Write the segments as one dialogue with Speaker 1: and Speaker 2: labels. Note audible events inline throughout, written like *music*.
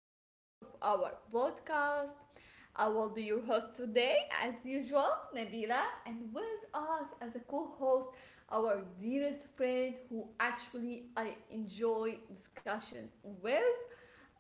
Speaker 1: episode of our podcast. I will be your host today, as usual, Nabila, and with us as a co host, our dearest friend who actually I enjoy discussion with.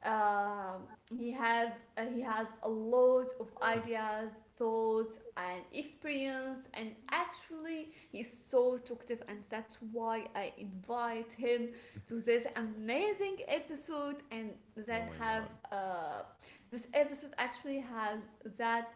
Speaker 1: Um, he has a lot of ideas, thoughts, and experience, and actually he's so talkative, and that's why I invite him to this amazing episode and that
Speaker 2: Yo.
Speaker 1: have uh, this episode actually has that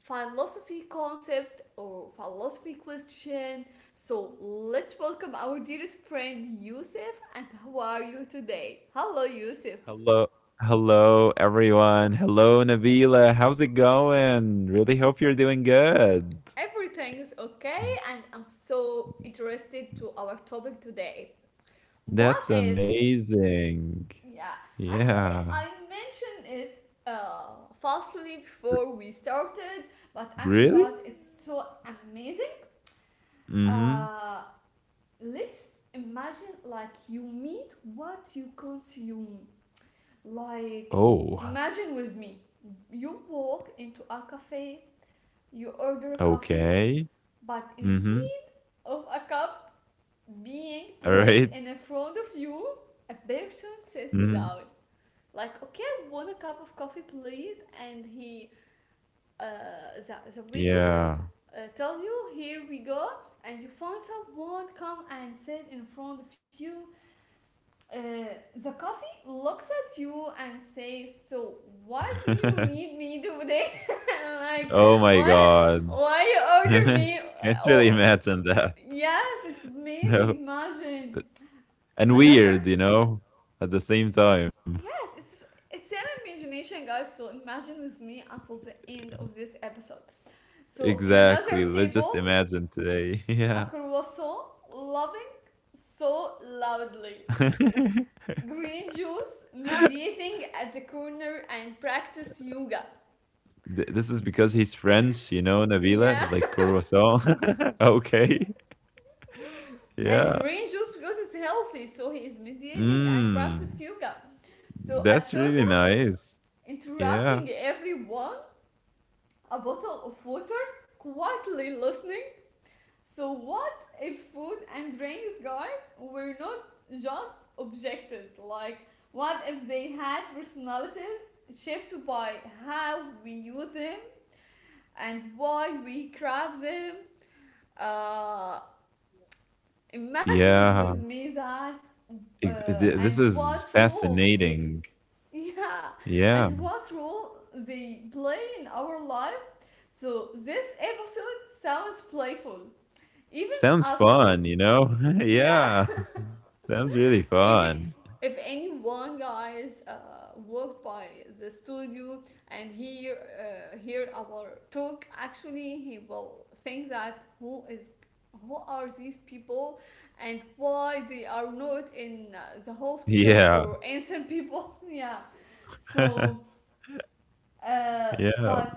Speaker 1: philosophy concept or philosophy question. So let's welcome our dearest friend Yusuf. And how are you today? Hello, Yusuf.
Speaker 2: Hello, hello everyone. Hello Nabila. How's it going? Really hope you're doing good.
Speaker 1: Everything is okay, and I'm so interested to our topic today. What
Speaker 2: That's
Speaker 1: if?
Speaker 2: amazing.
Speaker 1: Yeah, actually,
Speaker 2: Yeah.
Speaker 1: I mentioned it falsely before
Speaker 2: R-
Speaker 1: we started, but actually, guys,
Speaker 2: Really?
Speaker 1: it's so amazing.
Speaker 2: Mm-hmm.
Speaker 1: Uh, let's imagine like you meet what you consume. Like,
Speaker 2: Oh,
Speaker 1: imagine with me, you walk into a cafe, you order coffee,
Speaker 2: okay.
Speaker 1: but
Speaker 2: Mm-hmm.
Speaker 1: instead of a cup being
Speaker 2: All
Speaker 1: placed
Speaker 2: right.
Speaker 1: in front of you, a person sits
Speaker 2: Mm-hmm.
Speaker 1: down. Like, okay, one cup of coffee please, and he uh, the waiter
Speaker 2: Yeah.
Speaker 1: tell you, here we go, and you found someone come and sit in front of you. uh, the coffee looks at you and says, so why do you need
Speaker 2: *laughs*
Speaker 1: me today? *laughs* Like,
Speaker 2: Oh my
Speaker 1: why
Speaker 2: God.
Speaker 1: why you
Speaker 2: *laughs*
Speaker 1: order me?
Speaker 2: Can't really
Speaker 1: Oh, oh,
Speaker 2: imagine that.
Speaker 1: yes, it's
Speaker 2: No.
Speaker 1: amazing. Imagine.
Speaker 2: *laughs* And
Speaker 1: Another.
Speaker 2: weird, at the same time.
Speaker 1: Yes, it's an imagination, guys. So imagine with me until the end of this episode. So in another
Speaker 2: Exactly. Let's just
Speaker 1: table,
Speaker 2: imagine today. *laughs*
Speaker 1: a
Speaker 2: Yeah.
Speaker 1: croissant loving so loudly.
Speaker 2: *laughs*
Speaker 1: Green juice meditating at the corner and practice yoga.
Speaker 2: This is because he's French, you know,
Speaker 1: Yeah,
Speaker 2: Nabila, like croissant. *laughs* Okay. *laughs*
Speaker 1: and
Speaker 2: Yeah.
Speaker 1: green juice because it's healthy, so he is meditating and practice
Speaker 2: Mm.
Speaker 1: yoga. So a
Speaker 2: That's
Speaker 1: soda
Speaker 2: really nice. Yeah.
Speaker 1: interrupting everyone, a bottle of water quietly listening. So, what if food and drinks, guys, were not just objectives? Like, what if they had personalities shaped by how we use them and why we craft them? Uh, Imagine with
Speaker 2: Yeah.
Speaker 1: me that,
Speaker 2: This
Speaker 1: and
Speaker 2: is
Speaker 1: what role they,
Speaker 2: fascinating.
Speaker 1: *laughs* yeah,
Speaker 2: Yeah.
Speaker 1: and what role they play in our life. So, this episode sounds playful, even
Speaker 2: Sounds
Speaker 1: absurd.
Speaker 2: fun, you know? *laughs*
Speaker 1: Yeah.
Speaker 2: Yeah.
Speaker 1: *laughs*
Speaker 2: Sounds really
Speaker 1: Even
Speaker 2: fun.
Speaker 1: if any one guys walked by the studio and hear our talk, actually he will think that who are these people and why they are not in the hospital
Speaker 2: Yeah.
Speaker 1: for innocent people. *laughs* Yeah, so
Speaker 2: *laughs*
Speaker 1: uh,
Speaker 2: Yeah.
Speaker 1: but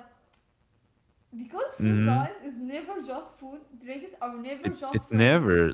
Speaker 1: because food
Speaker 2: Mhm.
Speaker 1: guys is never just food, drinks are never
Speaker 2: It
Speaker 1: just drinks.
Speaker 2: never,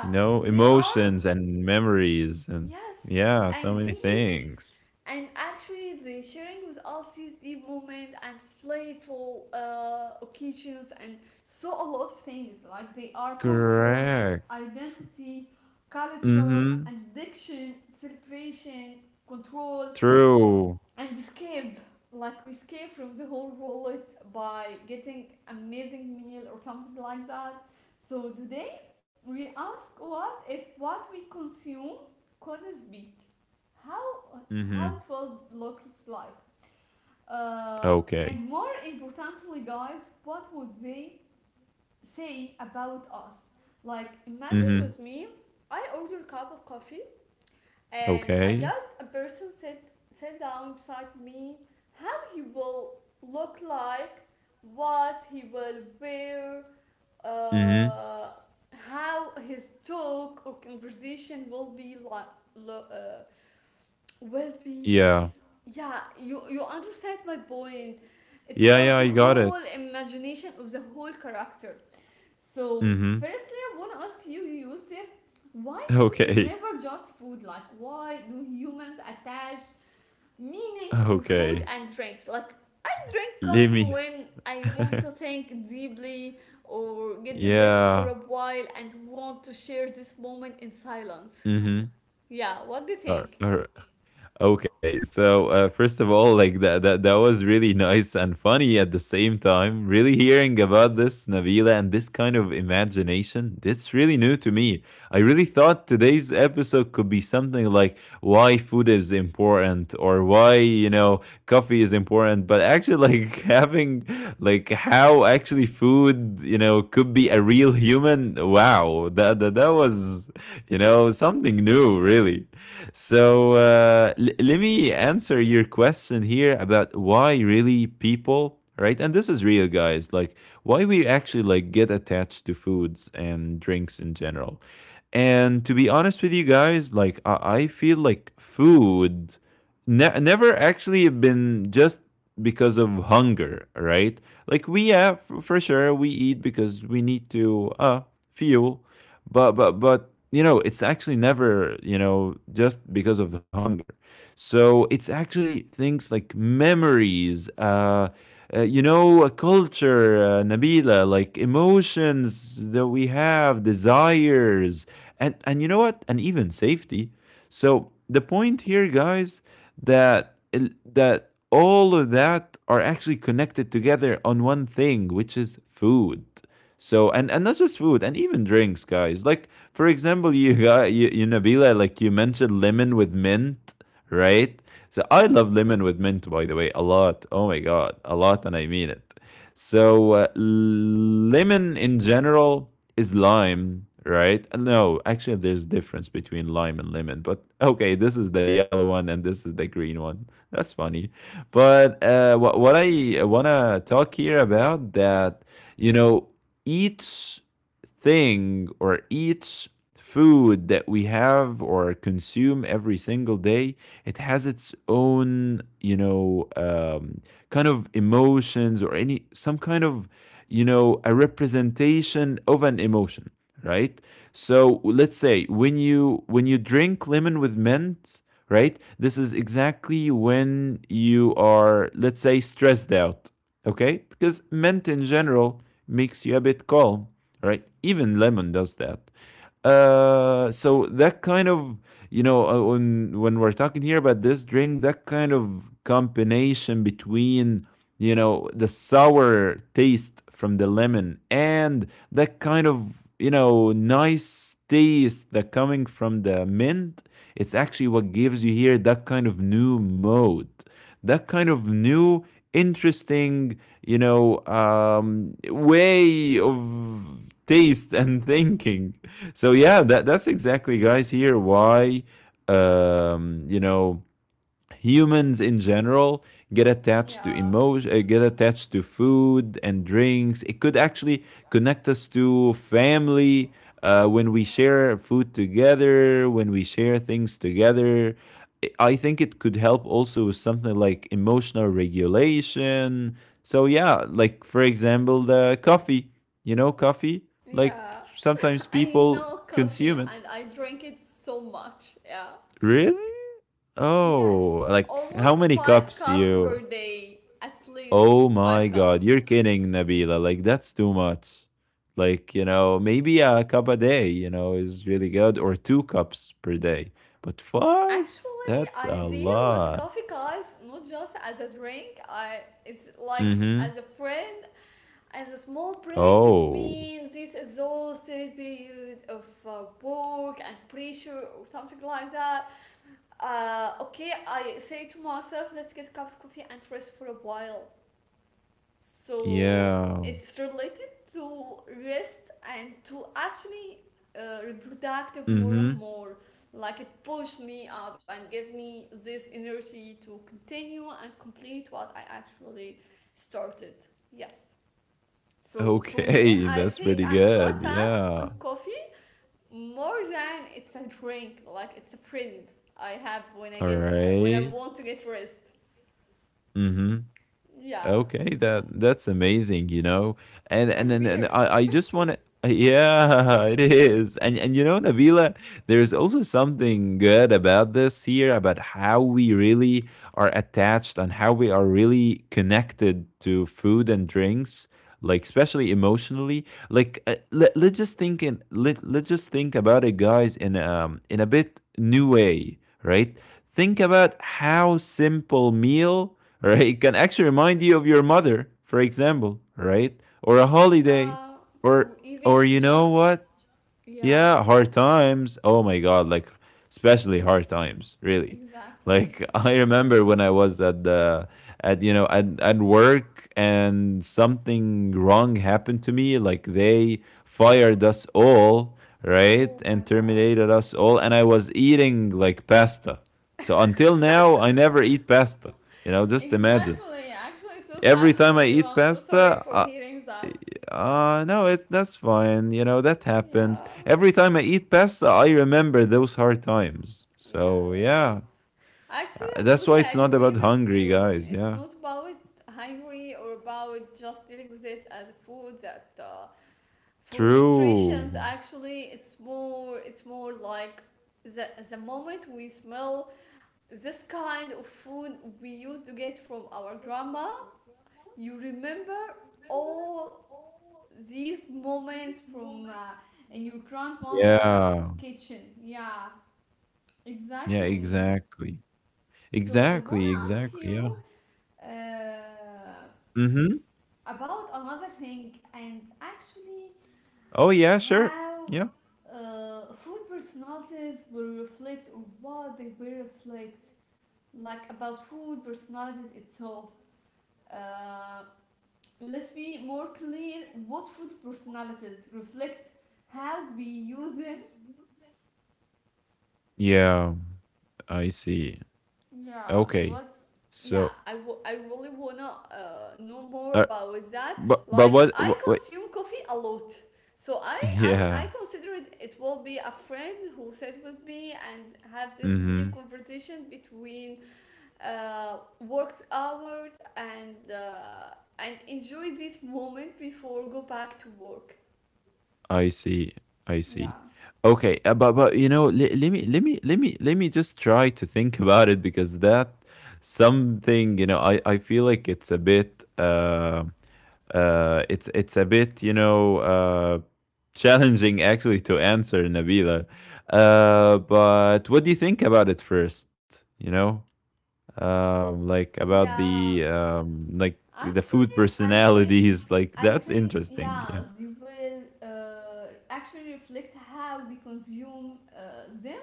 Speaker 2: you know,
Speaker 1: they are,
Speaker 2: emotions and memories and
Speaker 1: yes,
Speaker 2: yeah, so many
Speaker 1: and deep.
Speaker 2: things.
Speaker 1: And actually, the sharing was us is the moment and playful occasions, and so a lot of things like they are comfort,
Speaker 2: Correct.
Speaker 1: identity, culture,
Speaker 2: Mhm.
Speaker 1: addiction, celebration, control,
Speaker 2: True.
Speaker 1: and escape. Like we escape from the whole world by getting amazing meal or something like that. So today we ask, what if what we consume could speak? How how it
Speaker 2: Mhm.
Speaker 1: will look like, uh, and
Speaker 2: Okay.
Speaker 1: more importantly guys, what would they say about us? Like imagine
Speaker 2: Mhm.
Speaker 1: with me, I order a cup of coffee and I
Speaker 2: Okay.
Speaker 1: got a person sit down beside me. How he will look like, what he will wear,
Speaker 2: Mhm.
Speaker 1: uh, how his talk or conversation will be like uh, will be
Speaker 2: Yeah.
Speaker 1: yeah, you understand my point. It's
Speaker 2: Yeah,
Speaker 1: about
Speaker 2: yeah,
Speaker 1: the
Speaker 2: I got
Speaker 1: whole
Speaker 2: it.
Speaker 1: imagination of the whole character. So,
Speaker 2: Mhm.
Speaker 1: firstly, I want to ask you, Yusuf, why food is
Speaker 2: Okay.
Speaker 1: never
Speaker 2: *laughs*
Speaker 1: just food? Like, why do humans attach meaning to
Speaker 2: Okay.
Speaker 1: food and drinks? Like, I drink
Speaker 2: Let
Speaker 1: coffee
Speaker 2: me.
Speaker 1: when I
Speaker 2: *laughs*
Speaker 1: want to think deeply or get depressed for
Speaker 2: Yeah.
Speaker 1: a while and want to share this moment in silence.
Speaker 2: Mhm.
Speaker 1: Yeah, what do you think?
Speaker 2: Alright. Okay, so first of all, like that was really nice and funny at the same time. Really hearing about this Nabila and this kind of imagination, that's really new to me. I really thought today's episode could be something like why food is important or why, you know, coffee is important, but actually, like, *laughs* having like how actually food, you know, could be a real human. Wow, that was, you know, something new really. *laughs* So let me answer your question here about why really people, right? And this is real, guys, like why we actually like get attached to foods and drinks in general. And to be honest with you guys, I feel like food never actually been just because of hunger, right? Like, we have, for sure we eat because we need to fuel, but you know, it's actually never, you know, just because of the hunger. So it's actually things like memories, you know, a culture, Nabila, like emotions that we have, desires. And you know what, and even safety. So the point here, guys, that that all of that are actually connected together on one thing, which is food. So and not just food and even drinks, guys. Like for example, you Nabila, like you mentioned lemon with mint, right? So I love lemon with mint, by the way, a lot. Oh my god, a lot, and I mean it. So lemon in general is lime, right? No, actually, there's difference between lime and lemon, but okay, this is the yellow one and this is the green one. That's funny, but what I wanna talk here about that, you know, eats thing or each food that we have or consume every single day, it has its own, you know, kind of emotions or any some kind of, you know, a representation of an emotion, right? So let's say when you drink lemon with mint, right, this is exactly when you are, let's say, stressed out. Okay, because mint in general makes you a bit calm, right? Even lemon does that. So that kind of, you know, when we're talking here about this drink, that kind of combination between, you know, the sour taste from the lemon and that kind of, you know, nice taste that coming from the mint, it's actually what gives you here that kind of new mode, that kind of new interesting, you know, way of taste and *laughs* thinking. So yeah, that that's exactly, guys. Here, why you know, humans in general get attached to
Speaker 1: Yeah.
Speaker 2: emotion, get attached to food and drinks. It could actually connect us to family, when we
Speaker 1: Yeah.
Speaker 2: share food together, when we share things together. I think it could help also with something like emotional regulation. So yeah, like for example, the coffee, you know, coffee,
Speaker 1: Yeah,
Speaker 2: like
Speaker 1: *laughs*
Speaker 2: sometimes
Speaker 1: I know
Speaker 2: people
Speaker 1: coffee
Speaker 2: consume
Speaker 1: and
Speaker 2: it
Speaker 1: I drink it so much. Yeah.
Speaker 2: really.
Speaker 1: Yes,
Speaker 2: Oh, like
Speaker 1: almost
Speaker 2: how many
Speaker 1: five
Speaker 2: cups
Speaker 1: cups per
Speaker 2: you.
Speaker 1: day. At least
Speaker 2: Oh
Speaker 1: five
Speaker 2: my
Speaker 1: cups.
Speaker 2: God, you're kidding, Nabila. Like, that's too much. Like, you know, maybe a cup a day, you know, is really good, or two cups per day. But five,
Speaker 1: Actually, I
Speaker 2: that's a
Speaker 1: deal with coffee
Speaker 2: lot.
Speaker 1: guys not just as a drink. I it's like as a
Speaker 2: Mm-hmm.
Speaker 1: friend, as a small break between
Speaker 2: Oh,
Speaker 1: this exhausted period of work and pressure or something like that. Okay, I say to myself, let's get a cup of coffee and rest for a while. So
Speaker 2: yeah.
Speaker 1: it's related to rest and to actually reproductive more and
Speaker 2: Mm-hmm.
Speaker 1: more. Like it pushed me up and gave me this energy to continue and complete what I actually started. Yes. So for me, I
Speaker 2: Okay, *laughs*
Speaker 1: think
Speaker 2: that's
Speaker 1: I'm
Speaker 2: pretty
Speaker 1: so
Speaker 2: good.
Speaker 1: attached to
Speaker 2: Yeah.
Speaker 1: coffee more than it's a drink. Like it's a friend I have when I
Speaker 2: All
Speaker 1: get when I
Speaker 2: right.
Speaker 1: want to get rest.
Speaker 2: Mm-hmm.
Speaker 1: Yeah,
Speaker 2: Okay, that's amazing, you know. And
Speaker 1: I'm
Speaker 2: and and,
Speaker 1: weird.
Speaker 2: and I, I just want to, yeah, *laughs* it is. And you know, Nabila, there's also something good about this here, about how we really are attached and how we are really connected to food and drinks, like especially emotionally. Let's just think in let's just think about it, guys, in a bit new way, right? Think about how simple meal *laughs* right can actually remind you of your mother, for example, right? Or a holiday
Speaker 1: Yeah, or
Speaker 2: or
Speaker 1: even
Speaker 2: or you
Speaker 1: just.
Speaker 2: know what,
Speaker 1: Yeah,
Speaker 2: yeah, hard times. Oh my god, like especially hard times, really.
Speaker 1: exactly.
Speaker 2: Like *laughs* I remember when I was at the, at you know at work, and something wrong happened to me, like they fired us all,
Speaker 1: Oh
Speaker 2: right?
Speaker 1: my
Speaker 2: And
Speaker 1: god,
Speaker 2: terminated
Speaker 1: so
Speaker 2: us
Speaker 1: sad.
Speaker 2: all, and I was eating like pasta. So until now I never eat pasta. You know, just imagine.
Speaker 1: Exactly, actually, so sad
Speaker 2: Every
Speaker 1: for
Speaker 2: time I
Speaker 1: you. I'm
Speaker 2: eat
Speaker 1: so sorry
Speaker 2: pasta,
Speaker 1: for
Speaker 2: I,
Speaker 1: hearing that.
Speaker 2: uh, no, it's that's fine. You know, that happens.
Speaker 1: Yeah,
Speaker 2: Every time I eat pasta, I remember those hard times. So, yeah.
Speaker 1: yes. Actually, I
Speaker 2: That's why
Speaker 1: totally
Speaker 2: it's not
Speaker 1: agree
Speaker 2: about
Speaker 1: with
Speaker 2: hungry,
Speaker 1: you.
Speaker 2: guys.
Speaker 1: It's
Speaker 2: Yeah.
Speaker 1: not about hungry or about just dealing with it as food that for nutrition.
Speaker 2: True.
Speaker 1: Actually, it's more. It's more like the moment we smell this kind of food we used to get from our grandma. You remember all these moments from in your grandmother
Speaker 2: Yeah.
Speaker 1: kitchen. Yeah,
Speaker 2: Yeah,
Speaker 1: exactly.
Speaker 2: exactly.
Speaker 1: So I
Speaker 2: Exactly,
Speaker 1: wanna ask
Speaker 2: exactly. Yeah.
Speaker 1: you uh,
Speaker 2: Mhm.
Speaker 1: about another thing, and actually
Speaker 2: Oh, yeah, sure.
Speaker 1: how
Speaker 2: Yeah.
Speaker 1: food personalities will reflect, or what they will reflect, like about food personalities itself. Uh, Let's be more clear what food personalities reflect, how we view them.
Speaker 2: Yeah, I see.
Speaker 1: Yeah,
Speaker 2: Okay.
Speaker 1: what's yeah,
Speaker 2: So,
Speaker 1: I really wanna know more
Speaker 2: uh,
Speaker 1: about that.
Speaker 2: but
Speaker 1: Like, I
Speaker 2: what? Wait.
Speaker 1: consume coffee a lot. So I
Speaker 2: Yeah.
Speaker 1: considered it will be a friend who sat with me and have this
Speaker 2: Mm-hmm.
Speaker 1: deep conversation between work hours and enjoy this moment before go back to work.
Speaker 2: I see. I see.
Speaker 1: Yeah.
Speaker 2: Okay, but you know, let me just try to think *laughs* about it because that something, you know, I feel like it's a bit it's a bit, you know, challenging actually to answer Nabila. But what do you think about it first? You know, like about the
Speaker 1: Yeah,
Speaker 2: like the food
Speaker 1: actually, I think,
Speaker 2: personalities. *laughs* Like
Speaker 1: I
Speaker 2: that's
Speaker 1: think,
Speaker 2: interesting.
Speaker 1: yeah,
Speaker 2: Yeah.
Speaker 1: they will actually reflect how we consume them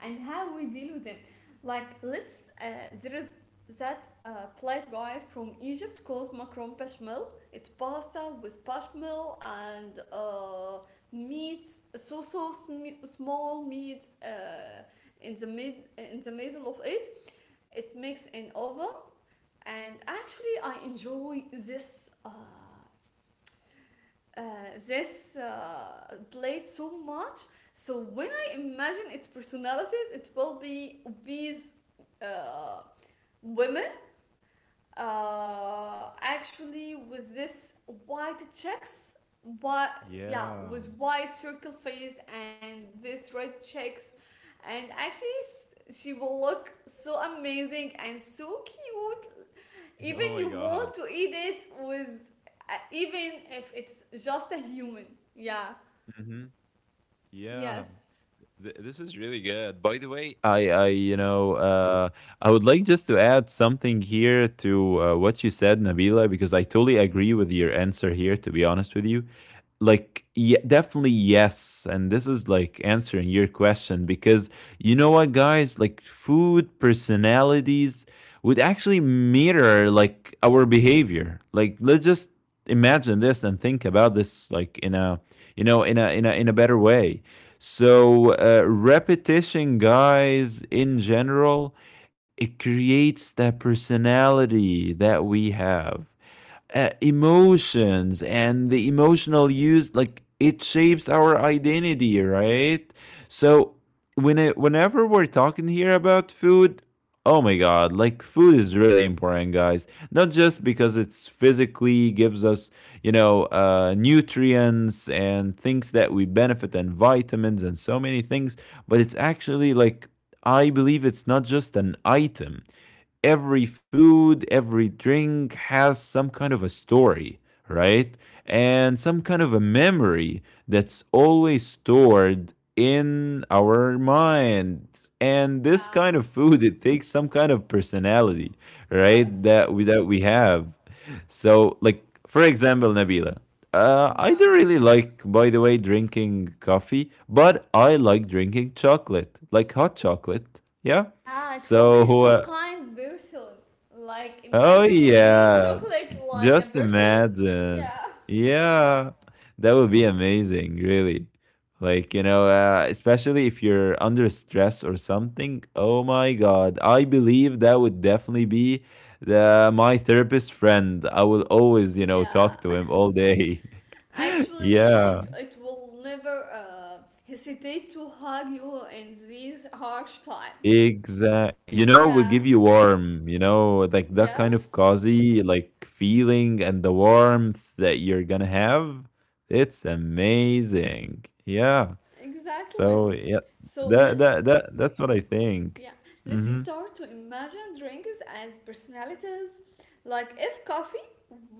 Speaker 1: and how we deal with them. Like, there is that plate, guys, from Egypt called macaron bechamel. It's pasta with bechamel and meats, small meats in the mid in the middle of it. It makes an oven, and actually I enjoy this uh, this blade so much. So when I imagine its personalities, it will be these uh, women actually with this white checks, but yeah,
Speaker 2: Yeah.
Speaker 1: with white circle face and this red checks. And actually she will look so amazing and so cute,
Speaker 2: *laughs* Yeah, oh
Speaker 1: even
Speaker 2: my
Speaker 1: you
Speaker 2: God.
Speaker 1: want to eat it with even if it's just a human. Yeah.
Speaker 2: Hmm. Yeah.
Speaker 1: Yes.
Speaker 2: This is really good. By the way, you know, I would like just to add something here to what you said, Nabila, because I totally agree with your answer here. To be honest with you, like, yeah, definitely yes. And this is like answering your question because you know what, guys, like food personalities would actually mirror like our behavior. Like, let's just imagine this and think about this like in a, you know, in a better way. So, repetition, guys, in general, it creates the personality that we have. Emotions and the emotional use, like it shapes our identity, right? So, when it, whenever we're talking here about food, oh my god, like food is really important, guys. Not just because it's physically gives us, you know, nutrients and things that we benefit and vitamins and so many things, but it's actually like, I believe it's not just an item. Every food, every drink has some kind of a story, right? And some kind of a memory that's always stored in our mind. And this kind
Speaker 1: Yeah.
Speaker 2: of food, it takes some kind of personality, right?
Speaker 1: Yes.
Speaker 2: That we have. So, like for example, Nabila, I
Speaker 1: Yeah.
Speaker 2: don't really like, by the way, drinking coffee, but I like drinking chocolate, like hot chocolate. Yeah.
Speaker 1: Yeah, it will be
Speaker 2: So,
Speaker 1: so kind person. Like
Speaker 2: oh
Speaker 1: imagine with me
Speaker 2: yeah,
Speaker 1: chocolate like a
Speaker 2: just
Speaker 1: person.
Speaker 2: imagine.
Speaker 1: Yeah.
Speaker 2: Yeah, that would be amazing, really. Like, you know, especially if you're under stress or something. Oh my God, I believe that would definitely be the my therapist friend. I will always, you know,
Speaker 1: Yeah,
Speaker 2: talk to him all day. *laughs*
Speaker 1: actually it,
Speaker 2: Yeah.
Speaker 1: it will never hesitate to hug you in these harsh time.
Speaker 2: Exact. You know, will give
Speaker 1: Yeah.
Speaker 2: you warm. You know, like that kind of
Speaker 1: Yes.
Speaker 2: cozy like feeling and the warmth that you're gonna have. It's amazing. Yeah.
Speaker 1: Exactly.
Speaker 2: So yeah,
Speaker 1: So
Speaker 2: that
Speaker 1: let's
Speaker 2: that that that's what I think.
Speaker 1: yeah, let's
Speaker 2: Mm-hmm.
Speaker 1: start to imagine drinks as personalities. Like if coffee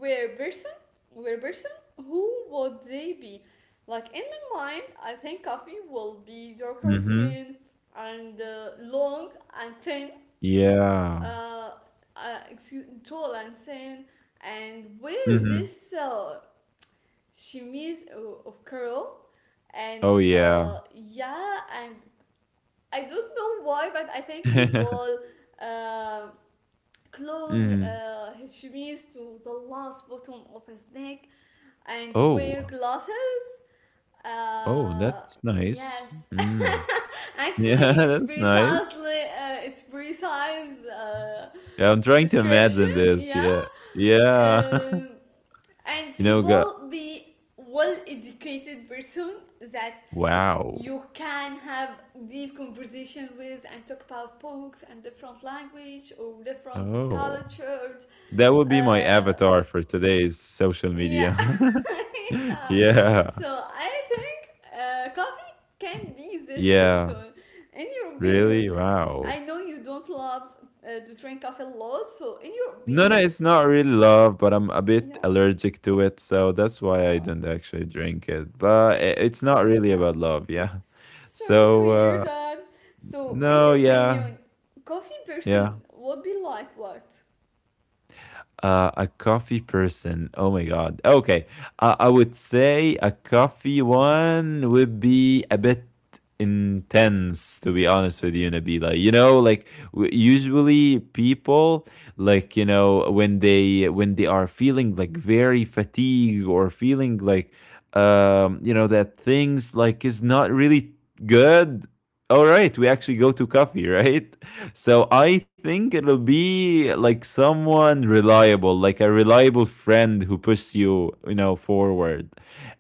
Speaker 1: were person, were person, who would they be? Like in my mind, I think coffee will be darker
Speaker 2: Mm-hmm.
Speaker 1: skin and long and thin,
Speaker 2: Yeah.
Speaker 1: uh, excuse, tall and thin, and wears
Speaker 2: Mm-hmm.
Speaker 1: this chemise of curl, and
Speaker 2: Oh yeah.
Speaker 1: yeah, and I don't know why, but I think he
Speaker 2: *laughs*
Speaker 1: will uh, close
Speaker 2: Mm-hmm.
Speaker 1: his chemise to the last bottom of his neck and wear
Speaker 2: Oh.
Speaker 1: glasses.
Speaker 2: Oh, that's nice.
Speaker 1: Yes,
Speaker 2: Mm.
Speaker 1: *laughs*
Speaker 2: Yeah,
Speaker 1: actually,
Speaker 2: *laughs* that's nice.
Speaker 1: it's precise
Speaker 2: Yeah, I'm trying to
Speaker 1: description.
Speaker 2: imagine this.
Speaker 1: Yeah,
Speaker 2: Yeah. Yeah.
Speaker 1: um, and
Speaker 2: *laughs* you
Speaker 1: he
Speaker 2: know, gu-
Speaker 1: will be well educated person that
Speaker 2: Wow.
Speaker 1: you can have deep conversation with and talk about books and different language or different
Speaker 2: Oh,
Speaker 1: cultures.
Speaker 2: that would be my
Speaker 1: Uh,
Speaker 2: avatar for today's social
Speaker 1: yeah.
Speaker 2: media. *laughs*
Speaker 1: *laughs*
Speaker 2: Yeah.
Speaker 1: So I think coffee can be this
Speaker 2: Yeah.
Speaker 1: person. In your
Speaker 2: Really?
Speaker 1: opinion, I
Speaker 2: Wow.
Speaker 1: know you don't love to drink coffee a lot. So in your
Speaker 2: No, no,
Speaker 1: opinion,
Speaker 2: it's not really love, but I'm a bit
Speaker 1: yeah.
Speaker 2: allergic to it. So that's why I
Speaker 1: Uh,
Speaker 2: didn't actually drink it.
Speaker 1: Sorry.
Speaker 2: It's not really
Speaker 1: Yeah.
Speaker 2: about love. Yeah.
Speaker 1: Sorry to
Speaker 2: So,
Speaker 1: hear that. So, in
Speaker 2: no,
Speaker 1: your
Speaker 2: yeah.
Speaker 1: opinion, coffee person
Speaker 2: Yeah.
Speaker 1: would be like what?
Speaker 2: A coffee person. Oh my god. Okay. I would say a coffee one would be a bit intense, to be honest with you Nabila. You know, like usually people like, you know, when they are feeling like very fatigued or feeling like, you know, that things like is not really good, all right we actually go to coffee. *laughs* Right, so I think it'll be like someone reliable, like a reliable friend who pushes you, you know, forward.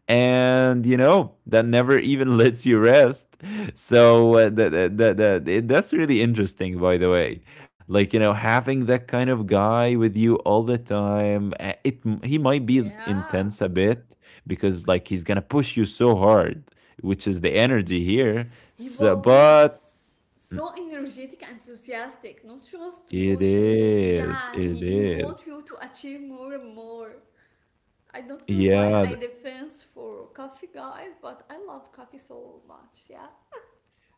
Speaker 2: And you know that never even *laughs* lets you rest. So that's really interesting, by the way. Like, having that kind of guy with you all the time, it he might be
Speaker 1: Yeah.
Speaker 2: intense a bit, because like he's gonna push you so hard, which is the energy here.
Speaker 1: He
Speaker 2: So,
Speaker 1: will be
Speaker 2: but
Speaker 1: so energetic and enthusiastic, not just
Speaker 2: it
Speaker 1: push you.
Speaker 2: is,
Speaker 1: Yeah,
Speaker 2: it
Speaker 1: he wants
Speaker 2: is.
Speaker 1: you to achieve more and more. I don't know why
Speaker 2: Yeah,
Speaker 1: I defense for coffee guys, but I love coffee so much. Yeah.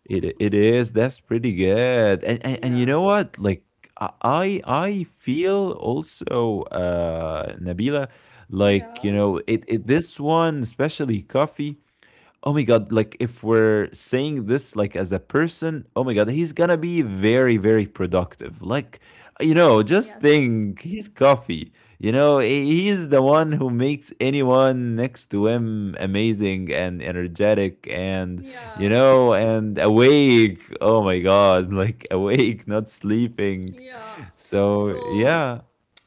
Speaker 2: it is. That's pretty good. And you
Speaker 1: Yeah.
Speaker 2: know what? Like, I feel also Nabila, like,
Speaker 1: Yeah.
Speaker 2: it this one, especially coffee. Oh my God, like if we're saying this like as a person, oh my God, he's gonna be very, very productive, like, just
Speaker 1: Yes.
Speaker 2: think he's coffee. He's the one who makes anyone next to him amazing and energetic, and you
Speaker 1: Yeah.
Speaker 2: know and awake, oh my God, *laughs* like awake, not sleeping.
Speaker 1: Yeah.
Speaker 2: So
Speaker 1: So
Speaker 2: yeah.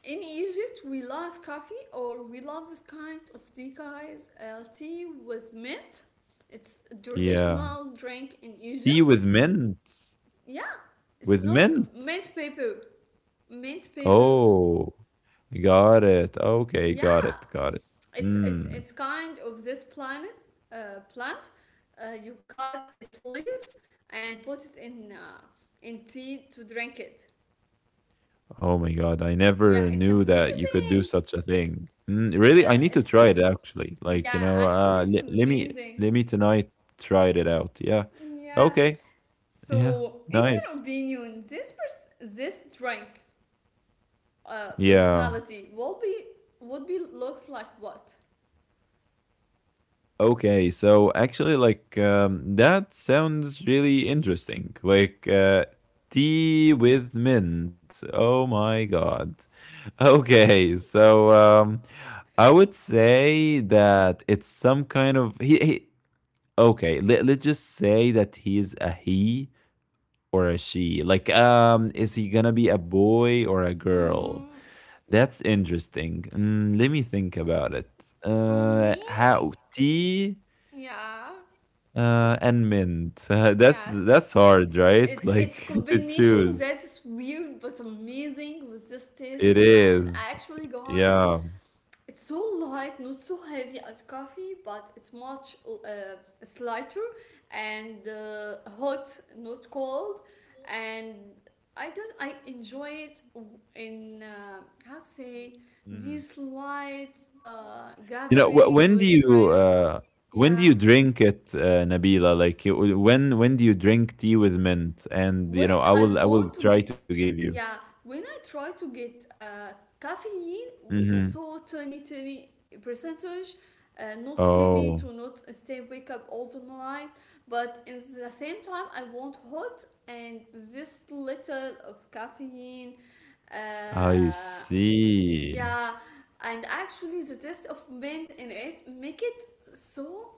Speaker 1: in Egypt, we love coffee, or we love this kind of tea, guys. Tea with mint. It's a
Speaker 2: Yeah,
Speaker 1: traditional drink in
Speaker 2: tea
Speaker 1: Egypt.
Speaker 2: with mint.
Speaker 1: Yeah, it's
Speaker 2: With
Speaker 1: not
Speaker 2: mint.
Speaker 1: mint paper. Mint paper.
Speaker 2: Oh, got it. Okay, got
Speaker 1: Yeah,
Speaker 2: it, got it.
Speaker 1: it's it's
Speaker 2: Mm.
Speaker 1: it's kind of this planet plant. You cut its leaves and put it in tea to drink it.
Speaker 2: Oh my God, I never
Speaker 1: Yeah, it's
Speaker 2: knew that you could do
Speaker 1: amazing.
Speaker 2: such a thing. Mm, really? I need to
Speaker 1: It's
Speaker 2: try it actually. Like, you
Speaker 1: Yeah,
Speaker 2: know,
Speaker 1: actually,
Speaker 2: le
Speaker 1: it's
Speaker 2: let me
Speaker 1: amazing.
Speaker 2: let me tonight try it out. Yeah.
Speaker 1: Yeah.
Speaker 2: Okay. Yeah.
Speaker 1: So, in your
Speaker 2: Nice.
Speaker 1: opinion, this this drink
Speaker 2: Yeah.
Speaker 1: personality will be would be looks like what?
Speaker 2: Okay, so actually, like, that sounds really interesting. Like, tea with mint. Oh my God. Okay, so I would say that it's some kind of he, okay, let's just say that he's a he or a she. Like, is he gonna be a boy or a girl?
Speaker 1: Mm,
Speaker 2: That's interesting. Let me think about it.
Speaker 1: for me,
Speaker 2: How tea,
Speaker 1: yeah,
Speaker 2: and mint. *laughs* that's
Speaker 1: yes.
Speaker 2: that's hard, right?
Speaker 1: It's
Speaker 2: Like, *laughs* to
Speaker 1: combination
Speaker 2: choose.
Speaker 1: that's weird but amazing with this
Speaker 2: It
Speaker 1: taste, and
Speaker 2: is.
Speaker 1: actually guys,
Speaker 2: Yeah.
Speaker 1: it's so light, not so heavy as coffee, but it's lighter, and hot, not cold. And I don't, I enjoy it in how to say,
Speaker 2: Mhm.
Speaker 1: this light
Speaker 2: You know,
Speaker 1: gathering with friends.
Speaker 2: when do
Speaker 1: Yeah.
Speaker 2: you drink it, Nabila? Like, when do you drink tea with mint? And,
Speaker 1: when
Speaker 2: I
Speaker 1: I
Speaker 2: will I will
Speaker 1: want to
Speaker 2: try to
Speaker 1: get,
Speaker 2: give you.
Speaker 1: Yeah, when I try to get caffeine with
Speaker 2: Hmm.
Speaker 1: so tiny, tiny percentage, not heavy
Speaker 2: Oh,
Speaker 1: to not stay wake up all the night, but in the same time I want hot and this little of caffeine.
Speaker 2: I
Speaker 1: Uh,
Speaker 2: see.
Speaker 1: yeah, and actually, the taste of mint in it make it so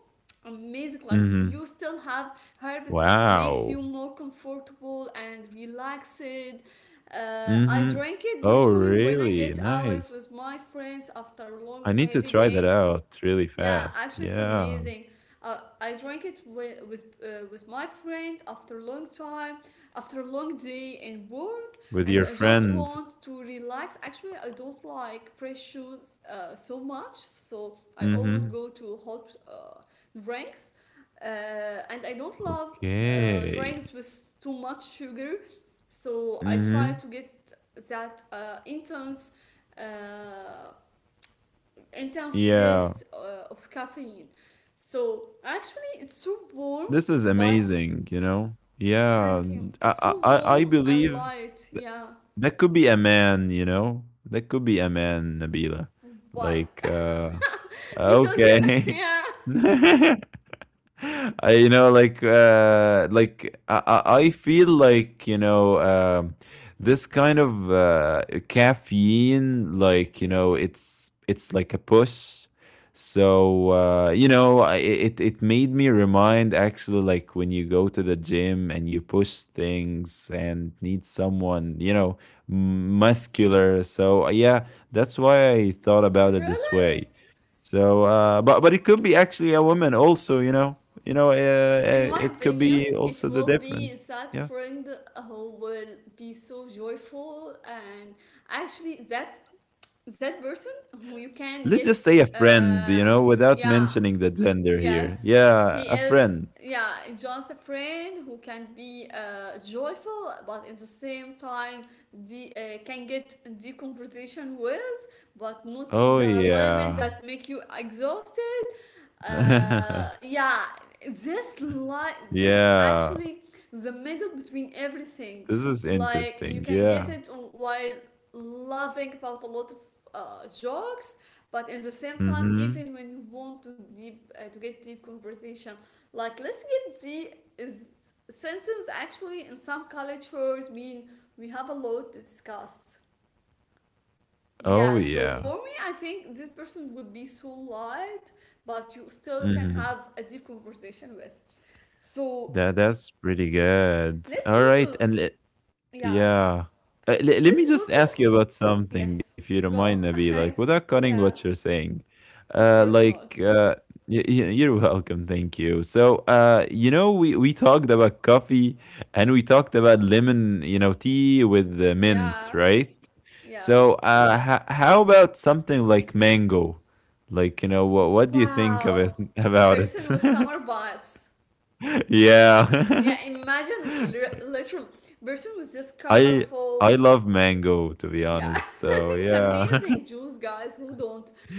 Speaker 1: amazing. Like
Speaker 2: Hmm.
Speaker 1: you still have herbs that makes
Speaker 2: Wow.
Speaker 1: you more comfortable and relaxed. I
Speaker 2: Hmm.
Speaker 1: drink it
Speaker 2: Oh,
Speaker 1: usually when I
Speaker 2: really?
Speaker 1: get
Speaker 2: Nice.
Speaker 1: out with my friends after a
Speaker 2: I
Speaker 1: long
Speaker 2: need to
Speaker 1: heavy
Speaker 2: try that
Speaker 1: day,
Speaker 2: out really
Speaker 1: yeah,
Speaker 2: fast.
Speaker 1: actually, it's
Speaker 2: Yeah,
Speaker 1: amazing. I drank it with my friend after a long time, after a long day in work,
Speaker 2: with your
Speaker 1: and I just
Speaker 2: friend.
Speaker 1: want to relax. Actually, I don't like fresh shoes so much, so I always
Speaker 2: Hmm.
Speaker 1: go to hot drinks, uh, and I don't love
Speaker 2: Okay.
Speaker 1: drinks with too much sugar, so I try
Speaker 2: Hmm.
Speaker 1: to get that intense. Uh, Intense
Speaker 2: Yeah.
Speaker 1: taste of caffeine. So actually, it's so warm,
Speaker 2: This is
Speaker 1: light.
Speaker 2: amazing, you know? Yeah,
Speaker 1: Thank you.
Speaker 2: I
Speaker 1: It's
Speaker 2: I
Speaker 1: so
Speaker 2: I I
Speaker 1: warm and
Speaker 2: believe
Speaker 1: light.
Speaker 2: that
Speaker 1: Yeah.
Speaker 2: that could be a man, you know? That could be a man, Nabila.
Speaker 1: Why?
Speaker 2: Like,
Speaker 1: *laughs* Because you. *laughs*
Speaker 2: okay.
Speaker 1: Yeah.
Speaker 2: *laughs* *laughs* I, like, like, I feel like, this kind of caffeine, like, it's like a push. So, I, it made me remind actually, like, when you go to the gym and you push things and need someone, muscular. So, yeah, that's why I thought about it this
Speaker 1: Really?
Speaker 2: way. So, but it could be actually a woman also. You know,
Speaker 1: In my
Speaker 2: it could
Speaker 1: opinion,
Speaker 2: be
Speaker 1: it
Speaker 2: also the
Speaker 1: will
Speaker 2: different.
Speaker 1: be that
Speaker 2: Yeah.
Speaker 1: friend who will be so joyful and actually that person who you can
Speaker 2: Let's just
Speaker 1: get.
Speaker 2: say a friend,
Speaker 1: Uh,
Speaker 2: without
Speaker 1: yeah.
Speaker 2: mentioning the gender here.
Speaker 1: Yes,
Speaker 2: Yeah,
Speaker 1: he
Speaker 2: a
Speaker 1: is.
Speaker 2: friend.
Speaker 1: Yeah, just a friend who can be joyful, but at the same time, the can get deep conversation with, but not to
Speaker 2: Oh,
Speaker 1: the limit
Speaker 2: yeah.
Speaker 1: that make you exhausted.
Speaker 2: *laughs*
Speaker 1: Yeah, this
Speaker 2: Yeah.
Speaker 1: actually the middle between everything.
Speaker 2: This is
Speaker 1: Like you
Speaker 2: interesting.
Speaker 1: can get
Speaker 2: Yeah.
Speaker 1: it while laughing about a lot of jokes, but at the same time
Speaker 2: Mm-hmm.
Speaker 1: even when you want to deep to get deep conversation, like let's get the is sentence actually in some cultures mean we have a lot to discuss,
Speaker 2: Oh,
Speaker 1: yeah. So
Speaker 2: yeah.
Speaker 1: for me, I think this person would be so light, but you still can
Speaker 2: Mm-hmm.
Speaker 1: have a deep conversation with. So
Speaker 2: That's pretty good.
Speaker 1: let's
Speaker 2: All
Speaker 1: go to
Speaker 2: right,
Speaker 1: yeah
Speaker 2: yeah.
Speaker 1: let's
Speaker 2: Let
Speaker 1: go
Speaker 2: me just
Speaker 1: to
Speaker 2: ask you about
Speaker 1: yes
Speaker 2: something, if you don't
Speaker 1: go
Speaker 2: mind, Nabi, like without
Speaker 1: *laughs*
Speaker 2: cutting
Speaker 1: Yeah,
Speaker 2: what you're saying.
Speaker 1: of course not.
Speaker 2: Like, you're welcome. Thank you. So, we talked about coffee and we talked about lemon, tea with the
Speaker 1: Yeah,
Speaker 2: mint, right?
Speaker 1: yeah.
Speaker 2: So, how about something like mango? Like, what do you think of
Speaker 1: Wow,
Speaker 2: it, *laughs* about
Speaker 1: Bersun
Speaker 2: it?
Speaker 1: was summer vibes.
Speaker 2: *laughs*
Speaker 1: Yeah,
Speaker 2: Yeah.
Speaker 1: imagine
Speaker 2: *laughs*
Speaker 1: literal. Bersun was this
Speaker 2: I I
Speaker 1: colorful.
Speaker 2: love mango, to be
Speaker 1: Yeah, *laughs*
Speaker 2: honest. So
Speaker 1: it's
Speaker 2: yeah,
Speaker 1: amazing Jews guys who don't.
Speaker 2: *laughs*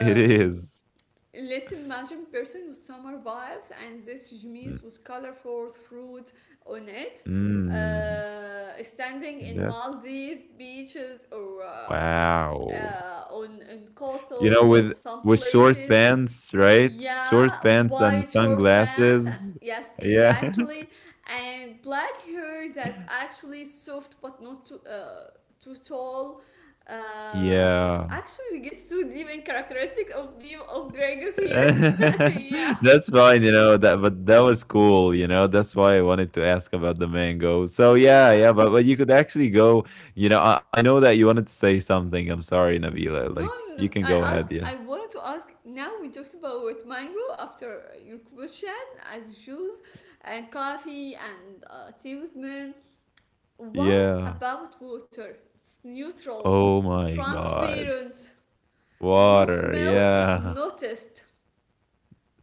Speaker 2: it is.
Speaker 1: let's imagine Bersun with summer vibes and this
Speaker 2: Mm,
Speaker 1: Jumis with colorful fruit on it.
Speaker 2: mm,
Speaker 1: Standing in
Speaker 2: that's
Speaker 1: Maldive beaches or uh,
Speaker 2: wow.
Speaker 1: uh, on, on
Speaker 2: You know,
Speaker 1: coastal
Speaker 2: with
Speaker 1: of some
Speaker 2: with short
Speaker 1: places.
Speaker 2: pants, right? Short
Speaker 1: Yeah,
Speaker 2: pants and
Speaker 1: white short pants.
Speaker 2: sunglasses.
Speaker 1: Yes,
Speaker 2: Yeah. *laughs*
Speaker 1: exactly. And black hair that actually soft but not too too tall. Uh,
Speaker 2: Yeah.
Speaker 1: actually, we get so deep in characteristic of people of dragons
Speaker 2: *laughs*
Speaker 1: here. *laughs* Yeah.
Speaker 2: That's fine, you know that, but that was cool. That's why I wanted to ask about the mango. So yeah,
Speaker 1: Yeah.
Speaker 2: yeah, but you could actually go. I know that you wanted to say something. I'm sorry, Nabila.
Speaker 1: No,
Speaker 2: Like, you
Speaker 1: no, no.
Speaker 2: can go
Speaker 1: I
Speaker 2: ahead.
Speaker 1: ask.
Speaker 2: Yeah,
Speaker 1: I wanted to ask. Now we talked about mango after your question as juice and coffee and tea with mint. What
Speaker 2: yeah.
Speaker 1: about water? It's neutral,
Speaker 2: Oh my God,
Speaker 1: transparent, no
Speaker 2: water.
Speaker 1: smell,
Speaker 2: Yeah,
Speaker 1: no taste.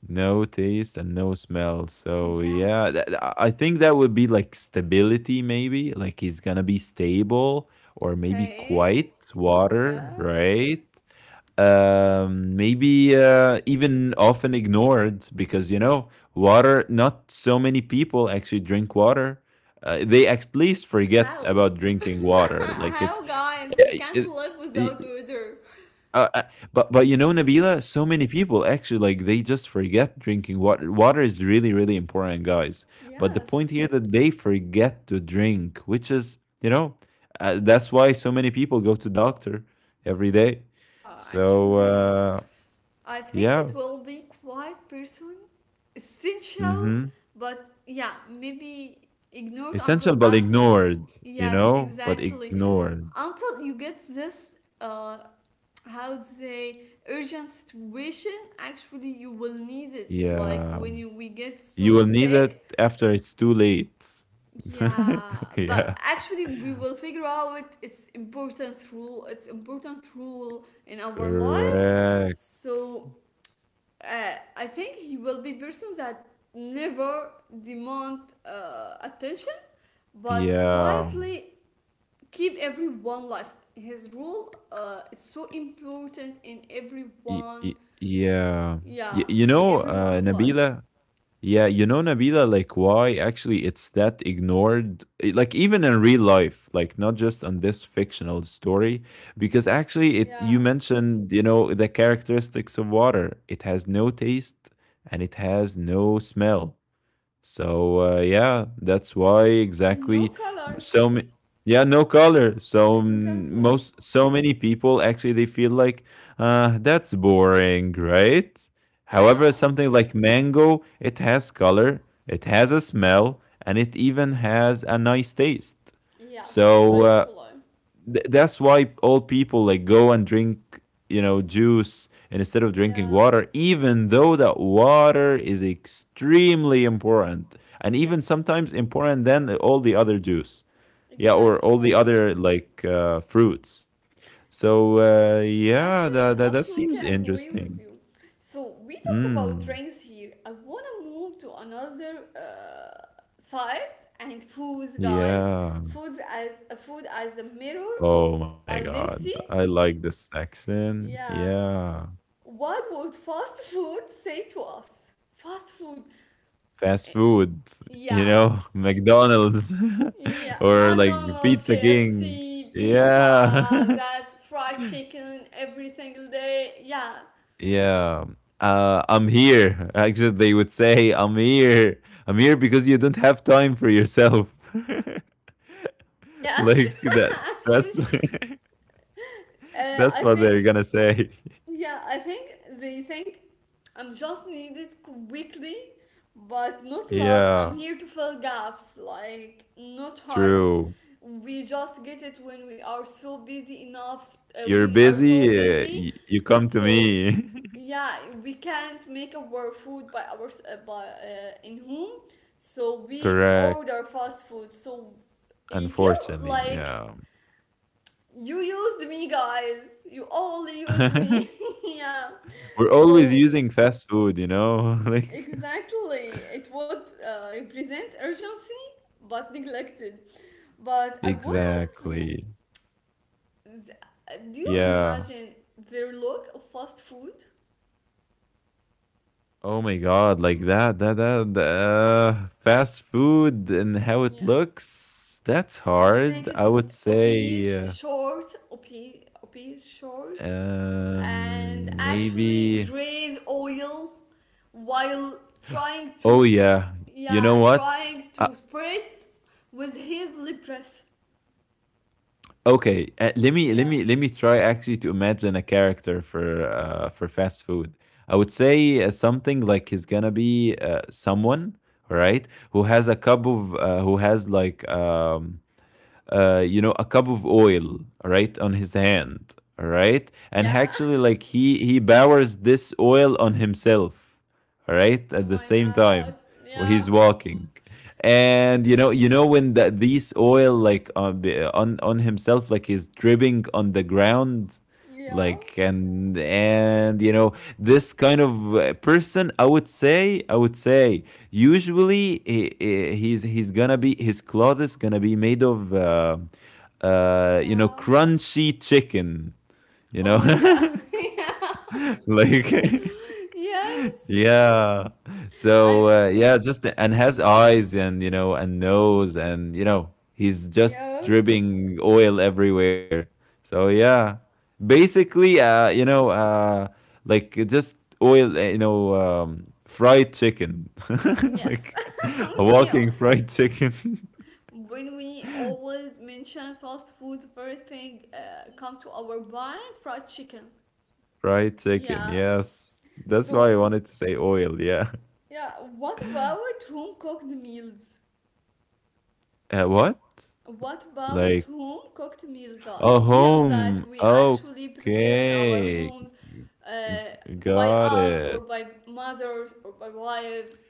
Speaker 2: no taste and no smell. So yeah,
Speaker 1: Yes.
Speaker 2: that, I think that would be like stability, maybe. Like, he's gonna be stable, or maybe
Speaker 1: Okay,
Speaker 2: quite water,
Speaker 1: yeah.
Speaker 2: right? Maybe even often ignored, because water, not so many people actually drink water. They at least forget
Speaker 1: How?
Speaker 2: about
Speaker 1: *laughs*
Speaker 2: drinking water, like it's...
Speaker 1: How, guys? We
Speaker 2: I-
Speaker 1: can't live
Speaker 2: it,
Speaker 1: without water.
Speaker 2: uh, uh, but Nabila, so many people actually, like, they just forget drinking water. Water is really, really important, guys. But the point
Speaker 1: Yes.
Speaker 2: here that they forget to drink, which is, that's why so many people go to doctor every day. So
Speaker 1: Actually, I think it
Speaker 2: yeah.
Speaker 1: will be quite person essential,
Speaker 2: Mm-hmm.
Speaker 1: but yeah, maybe ignored until
Speaker 2: Essential but
Speaker 1: absent.
Speaker 2: ignored,
Speaker 1: Yes,
Speaker 2: but
Speaker 1: exactly.
Speaker 2: ignored.
Speaker 1: Until you get this how to say urgent situation, actually you will need it like
Speaker 2: Yeah,
Speaker 1: when you we get
Speaker 2: you
Speaker 1: so
Speaker 2: will need it
Speaker 1: sick,
Speaker 2: after it's too late.
Speaker 1: yeah.
Speaker 2: *laughs* Yeah,
Speaker 1: But actually we will figure out its important rule in our life.
Speaker 2: correct.
Speaker 1: So I think he will be person that never demand attention, but
Speaker 2: Yeah.
Speaker 1: quietly keep everyone life. His rule is so important in everyone,
Speaker 2: Yeah.
Speaker 1: yeah,
Speaker 2: You
Speaker 1: in
Speaker 2: know,
Speaker 1: everyone's life.
Speaker 2: Nabila. Yeah, Nabila, like, why actually it's that ignored, like, even in real life, like not just on this fictional story, because actually it
Speaker 1: Yeah.
Speaker 2: you mentioned, the characteristics of water. It has no taste and it has no smell. So yeah, that's why
Speaker 1: And no
Speaker 2: exactly.
Speaker 1: color.
Speaker 2: so ma- yeah, no color. So, mm,
Speaker 1: Exactly.
Speaker 2: most so many people actually, they feel like that's boring, right? However,
Speaker 1: Yeah.
Speaker 2: something like mango, it has color, it has a smell, and it even has a nice taste.
Speaker 1: Yes,
Speaker 2: So,
Speaker 1: actually.
Speaker 2: that's why all people like go and drink, juice, instead of drinking
Speaker 1: Yeah.
Speaker 2: water, even though that water is extremely important, and even
Speaker 1: Yes.
Speaker 2: sometimes important than all the other juice, yeah, or all the
Speaker 1: Exactly.
Speaker 2: other, like, fruits. So, yeah, that,
Speaker 1: Actually,
Speaker 2: that that seems
Speaker 1: absolutely agree with
Speaker 2: interesting.
Speaker 1: you. So we talked about
Speaker 2: mm,
Speaker 1: trains here. I wanna move to another side and foods, guys.
Speaker 2: yeah,
Speaker 1: Foods as food as a mirror of
Speaker 2: oh my God,
Speaker 1: identity.
Speaker 2: I like this section.
Speaker 1: Yeah.
Speaker 2: Yeah.
Speaker 1: What would fast food say to us? Fast food.
Speaker 2: Fast
Speaker 1: eh,
Speaker 2: food,
Speaker 1: Yeah.
Speaker 2: *laughs* McDonald's, *laughs*
Speaker 1: Yeah,
Speaker 2: or like
Speaker 1: McDonald's,
Speaker 2: Pizza King.
Speaker 1: KFC, pizza,
Speaker 2: Yeah.
Speaker 1: that fried chicken every single day. Yeah.
Speaker 2: *laughs* Yeah. I'm here. *laughs* Actually, they would say, I'm here. I'm here because you don't have time for yourself. *laughs*
Speaker 1: Yes.
Speaker 2: Like that.
Speaker 1: *laughs* Actually,
Speaker 2: That's, *laughs*
Speaker 1: Uh,
Speaker 2: that's
Speaker 1: I
Speaker 2: what they're
Speaker 1: think,
Speaker 2: gonna say. *laughs*
Speaker 1: yeah, I think they think I'm just needed quickly, but not loved.
Speaker 2: Yeah,
Speaker 1: I'm here to fill gaps, like not hearts.
Speaker 2: true.
Speaker 1: We just get it when we are so busy enough.
Speaker 2: You're
Speaker 1: We are so
Speaker 2: busy.
Speaker 1: busy,
Speaker 2: You come to
Speaker 1: so
Speaker 2: me.
Speaker 1: yeah, we can't make our food by ours by in home. So
Speaker 2: *laughs*
Speaker 1: we
Speaker 2: Correct.
Speaker 1: order fast food. So you feel
Speaker 2: Unfortunately,
Speaker 1: like
Speaker 2: yeah.
Speaker 1: you used me, guys, you all used
Speaker 2: *laughs*
Speaker 1: me. *laughs* Yeah.
Speaker 2: We're always
Speaker 1: So
Speaker 2: using fast food, you know? *laughs* Like,
Speaker 1: exactly it would represent urgency but neglected. But I want to ask you,
Speaker 2: exactly.
Speaker 1: do you
Speaker 2: Yeah.
Speaker 1: imagine their look of fast food?
Speaker 2: Oh my God, like that fast food and how it
Speaker 1: Yeah,
Speaker 2: looks, that's
Speaker 1: I think
Speaker 2: hard. I
Speaker 1: it's
Speaker 2: would say,
Speaker 1: obese short, and actually
Speaker 2: maybe.
Speaker 1: drain oil while trying
Speaker 2: Oh
Speaker 1: to,
Speaker 2: yeah. You know
Speaker 1: yeah,
Speaker 2: what?
Speaker 1: trying
Speaker 2: I
Speaker 1: to spread with heavily breath.
Speaker 2: Okay, uh, let me let
Speaker 1: Yeah.
Speaker 2: me let me try actually to imagine a character for fast food. I would say, something like he's gonna be, someone, right, who has like, a cup of oil, right, on his hand, right, and
Speaker 1: Yeah.
Speaker 2: actually, like, he powers this oil on himself, right,
Speaker 1: *laughs*
Speaker 2: at
Speaker 1: Oh
Speaker 2: the
Speaker 1: my
Speaker 2: same time,
Speaker 1: God.
Speaker 2: while
Speaker 1: Yeah.
Speaker 2: he's walking, and when these oil, like, on himself, like, is dripping on the ground,
Speaker 1: Yeah.
Speaker 2: like, and this kind of, person, I would say usually
Speaker 1: Mm.
Speaker 2: he's gonna be, his cloth is gonna be made of,
Speaker 1: Yeah,
Speaker 2: crunchy chicken, you know
Speaker 1: oh my God. *laughs*
Speaker 2: *laughs*
Speaker 1: Yeah.
Speaker 2: like,
Speaker 1: *laughs* Yes.
Speaker 2: yeah. So,
Speaker 1: I
Speaker 2: yeah, just, and has eyes, and, nose, and you know he's just
Speaker 1: Yes.
Speaker 2: dripping oil everywhere. So yeah, basically, like, just oil, fried chicken, *laughs*
Speaker 1: Yes.
Speaker 2: like a
Speaker 1: *laughs* Yeah.
Speaker 2: walking fried chicken, *laughs*
Speaker 1: When we always mention fast food, first thing come to our mind, fried chicken.
Speaker 2: fried chicken.
Speaker 1: Yeah.
Speaker 2: Yes, that's why I
Speaker 1: So
Speaker 2: wanted to say oil. Yeah.
Speaker 1: yeah. What about home cooked meals?
Speaker 2: What?
Speaker 1: What about
Speaker 2: Like
Speaker 1: home cooked meals,
Speaker 2: a
Speaker 1: like meals
Speaker 2: home?
Speaker 1: that we actually prepare in our
Speaker 2: Okay.
Speaker 1: homes uh, by
Speaker 2: Got
Speaker 1: us
Speaker 2: it.
Speaker 1: or by mothers or by wives?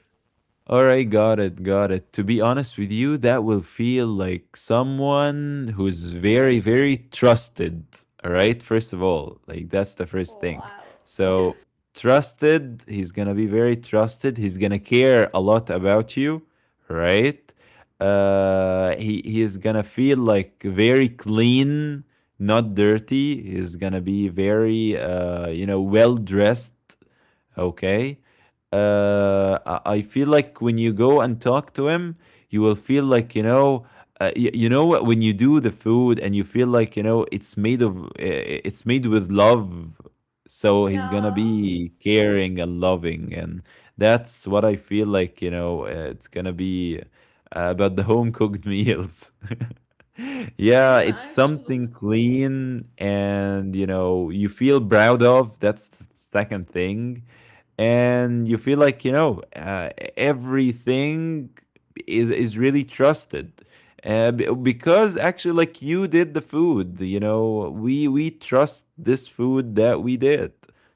Speaker 2: All right, got it, got it. To be honest with you, that will feel like someone who's very, very trusted, right? First of all, like, that's the first
Speaker 1: Oh,
Speaker 2: thing.
Speaker 1: wow.
Speaker 2: So, trusted, he's gonna be very trusted. He's gonna care a lot about you, right? He is gonna feel like very clean, not dirty. He's gonna be very, well dressed, okay? I feel like when you go and talk to him, you will feel like. You know, when you do the food and you feel like, you know, it's made with love. So he's gonna
Speaker 1: Yeah.
Speaker 2: be caring and loving, and that's what I feel, like, it's gonna be, about the home cooked meals. *laughs* Yeah,
Speaker 1: Same,
Speaker 2: it's something
Speaker 1: actually.
Speaker 2: clean, and, you feel proud of that's the second thing. And you feel like, everything is really trusted, uh, because actually, like, you did the food, we trust this food that we did.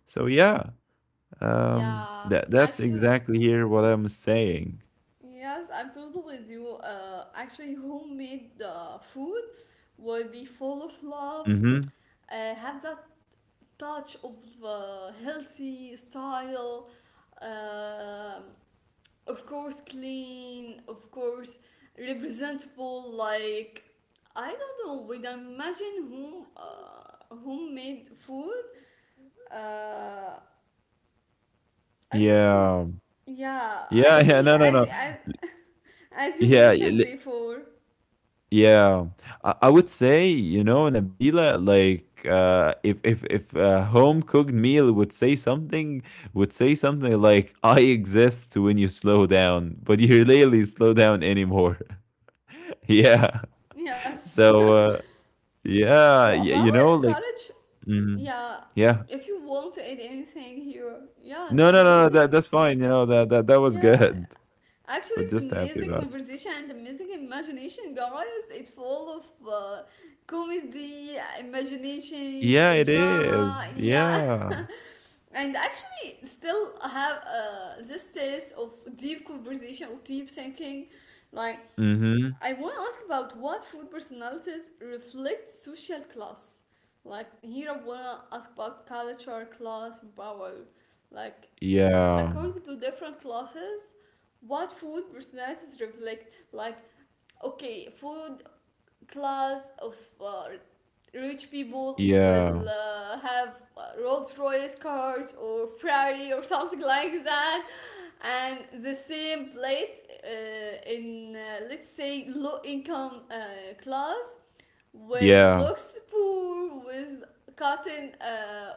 Speaker 2: So yeah,
Speaker 1: Yeah,
Speaker 2: that's
Speaker 1: actually.
Speaker 2: exactly here what I'm saying.
Speaker 1: Yes, I'm totally with you. Actually, homemade food will be full of love,
Speaker 2: Mm-hmm.
Speaker 1: have that touch of healthy style, um of course, clean, of course, representable. Like, I don't know, when I imagine home, homemade food, uh, I don't know.
Speaker 2: Yeah.
Speaker 1: Yeah,
Speaker 2: Yeah. *laughs* Yeah.
Speaker 1: actually,
Speaker 2: No, no, no.
Speaker 1: *laughs* as you
Speaker 2: Yeah.
Speaker 1: mentioned before,
Speaker 2: Yeah, I would say, you know, Nabila, like, if a home cooked meal would say something, like, "I exist when you slow down," but you *laughs* rarely slow down anymore. *laughs* Yeah,
Speaker 1: yes.
Speaker 2: so
Speaker 1: *laughs*
Speaker 2: yeah,
Speaker 1: So about
Speaker 2: you know, like.
Speaker 1: college,
Speaker 2: mm,
Speaker 1: yeah,
Speaker 2: yeah,
Speaker 1: if you want to add anything here, yes,
Speaker 2: no,
Speaker 1: I'm
Speaker 2: no, no, no,
Speaker 1: listening.
Speaker 2: that's fine. You know that that was
Speaker 1: Yeah.
Speaker 2: good,
Speaker 1: Actually,
Speaker 2: *laughs*
Speaker 1: it's
Speaker 2: but just happy
Speaker 1: amazing
Speaker 2: about it.
Speaker 1: conversation and amazing imagination, guys. It's full of comedy, imagination,
Speaker 2: Yeah, it
Speaker 1: drama,
Speaker 2: is.
Speaker 1: yeah. *laughs*
Speaker 2: Yeah.
Speaker 1: And actually, still have this taste of deep conversation or deep thinking. Like,
Speaker 2: Mm-hmm.
Speaker 1: I want to ask about what food personalities reflect social class. Like here, I want to ask about culture, class, power. Like
Speaker 2: Yeah.
Speaker 1: according to different classes, what food personalities reflect? Like okay, food class of uh, rich people
Speaker 2: Yeah.
Speaker 1: will have Rolls Royce cars or Ferrari or something like that, and the same plate in let's say low income class will
Speaker 2: Yeah.
Speaker 1: looks poor with cotton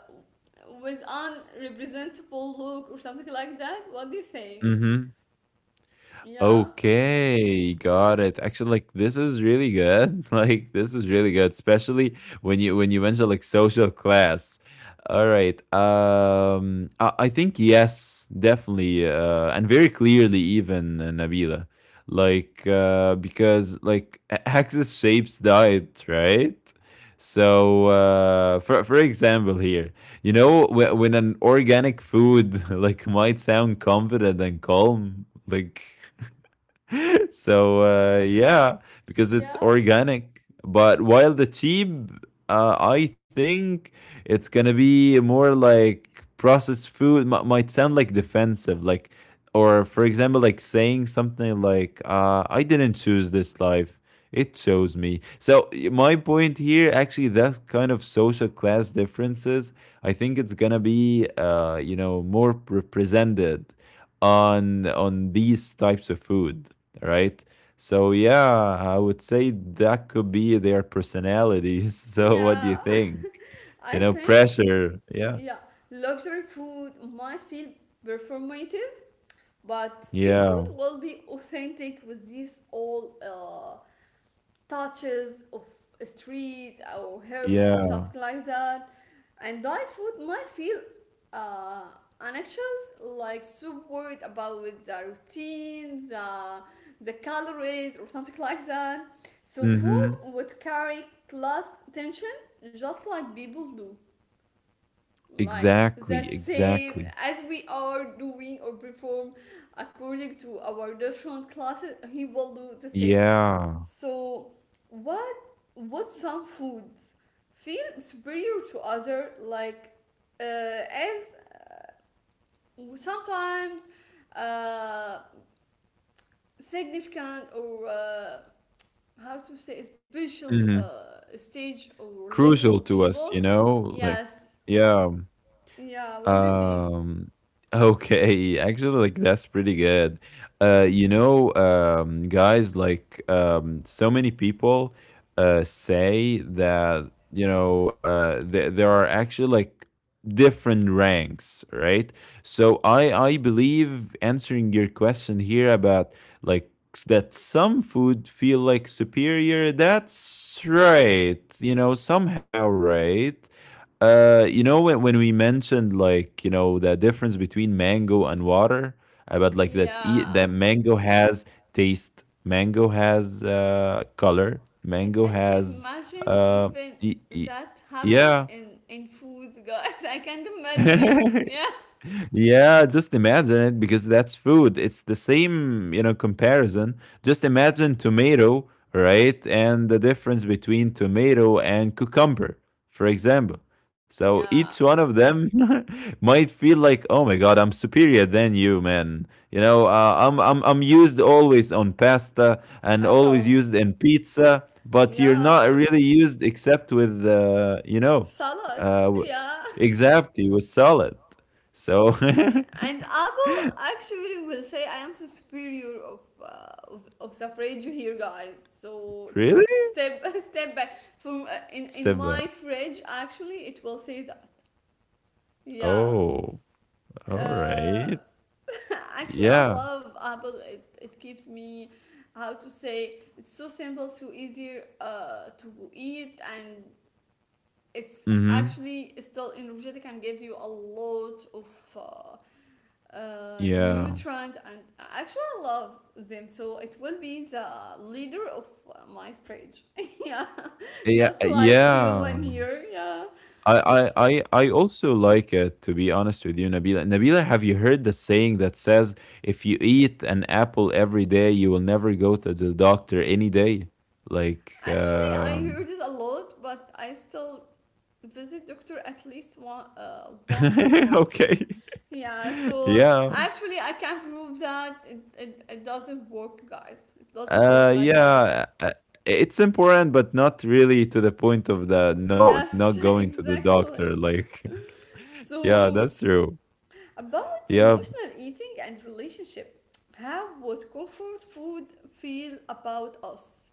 Speaker 1: with unrepresentable look or something like that. What do you think?
Speaker 2: Mm-hmm.
Speaker 1: Yeah.
Speaker 2: Okay, got it. Actually, like, this is really good. *laughs* Like this is really good, especially when you mention like social class. All right. I think yes, definitely, and very clearly even Nabila, like because like axis shapes diet, right? So, for example, here, you know, when an organic food *laughs* like might sound confident and calm, like. *laughs* So yeah, because it's
Speaker 1: Yeah.
Speaker 2: organic. But while the cheap, I think it's gonna be more like processed food. Might sound like defensive, like or for example, like saying something like "I didn't choose this life." It chose me. So my point here, actually, that kind of social class differences, I think it's gonna be, you know, more represented on these types of food, right? So yeah, I would say that could be their personalities. *laughs* So what do you
Speaker 1: Yeah.
Speaker 2: think?
Speaker 1: *laughs*
Speaker 2: You
Speaker 1: I
Speaker 2: know,
Speaker 1: think,
Speaker 2: pressure. Yeah.
Speaker 1: yeah, luxury food might feel performative, but street
Speaker 2: Yeah.
Speaker 1: food will be authentic with these all touches of a street or herbs or
Speaker 2: Yeah.
Speaker 1: something like that. And diet food might feel uh, anxious, like so worried about the routines, the calories, or something like that. So food
Speaker 2: Mhm.
Speaker 1: would carry class tension, just like people do. Like the
Speaker 2: Exactly.
Speaker 1: same
Speaker 2: Exactly.
Speaker 1: as we are doing or perform according to our different classes, he will do the same.
Speaker 2: Yeah.
Speaker 1: So, what what some foods feel superior to other, like as sometimes uh, significant or how to say special
Speaker 2: Mhm.
Speaker 1: stage or level of
Speaker 2: Crucial to
Speaker 1: people.
Speaker 2: us, you know, like
Speaker 1: Yes,
Speaker 2: yeah.
Speaker 1: yeah. What do you think?
Speaker 2: Um, *laughs* okay, actually, like that's pretty good. Guys, like so many people say that there are actually like different ranks, right? So I believe answering your question here about like that some food feel like superior. That's right. You know, somehow right. You know when we mentioned like you know the difference between mango and water about like that
Speaker 1: Yeah,
Speaker 2: that mango has taste, mango has color,
Speaker 1: I
Speaker 2: mango
Speaker 1: can't
Speaker 2: has
Speaker 1: imagine
Speaker 2: uh
Speaker 1: even
Speaker 2: e- e-
Speaker 1: that happen
Speaker 2: yeah.
Speaker 1: in foods, guys. *laughs* I can't imagine it.
Speaker 2: *laughs*
Speaker 1: Yeah.
Speaker 2: Yeah, just imagine it because that's food. It's the same, you know, comparison. Just imagine tomato, right? And the difference between tomato and cucumber, for example. So each
Speaker 1: Yeah.
Speaker 2: one of them *laughs* might feel like, "Oh my God, I'm superior than you, man." You know, I'm used always on pasta and always
Speaker 1: Apple.
Speaker 2: used in pizza, but you're
Speaker 1: Yeah.
Speaker 2: not really used except with, you
Speaker 1: *laughs*
Speaker 2: know,
Speaker 1: Salad.
Speaker 2: uh, w-
Speaker 1: Yeah.
Speaker 2: exactly with salad. So
Speaker 1: Yeah. And
Speaker 2: *laughs*
Speaker 1: Apple actually will say I am so superior of, of suffrage here, guys. So
Speaker 2: really?
Speaker 1: step *laughs* step back. From in
Speaker 2: Step
Speaker 1: my
Speaker 2: back.
Speaker 1: fridge, actually, it will say that. Yeah.
Speaker 2: Oh, all
Speaker 1: Uh,
Speaker 2: right.
Speaker 1: *laughs* actually, I
Speaker 2: Yeah.
Speaker 1: love Apple. It keeps me, how to say, it's so simple, so easier to eat, and it's
Speaker 2: Mm-hmm.
Speaker 1: actually still energetic and give you a lot of
Speaker 2: Yeah.
Speaker 1: nutrient, and actually I love them, so it will be the leader of my fridge. *laughs* Yeah,
Speaker 2: Yeah,
Speaker 1: just
Speaker 2: eh,
Speaker 1: like
Speaker 2: yeah.
Speaker 1: human here. Yeah,
Speaker 2: I also like it to be honest with you, Nabila. Nabila, have you heard the saying that says if you eat an apple every day, you will never go to the doctor any day? Like,
Speaker 1: actually I heard it a lot, but I still visit doctor at least one once per
Speaker 2: *laughs*
Speaker 1: month.
Speaker 2: okay,
Speaker 1: Yeah.
Speaker 2: *laughs*
Speaker 1: So
Speaker 2: yeah.
Speaker 1: actually I can prove that it doesn't work, guys, it doesn't work
Speaker 2: Uh,
Speaker 1: like that.
Speaker 2: yeah, uh, it's important, but not really to the point of the no, not
Speaker 1: Yes,
Speaker 2: going to
Speaker 1: *laughs*
Speaker 2: the
Speaker 1: exactly.
Speaker 2: doctor. Like, *laughs* yeah, that's
Speaker 1: So,
Speaker 2: true.
Speaker 1: about
Speaker 2: Yeah.
Speaker 1: emotional eating and relationship, how would comfort food feel about us?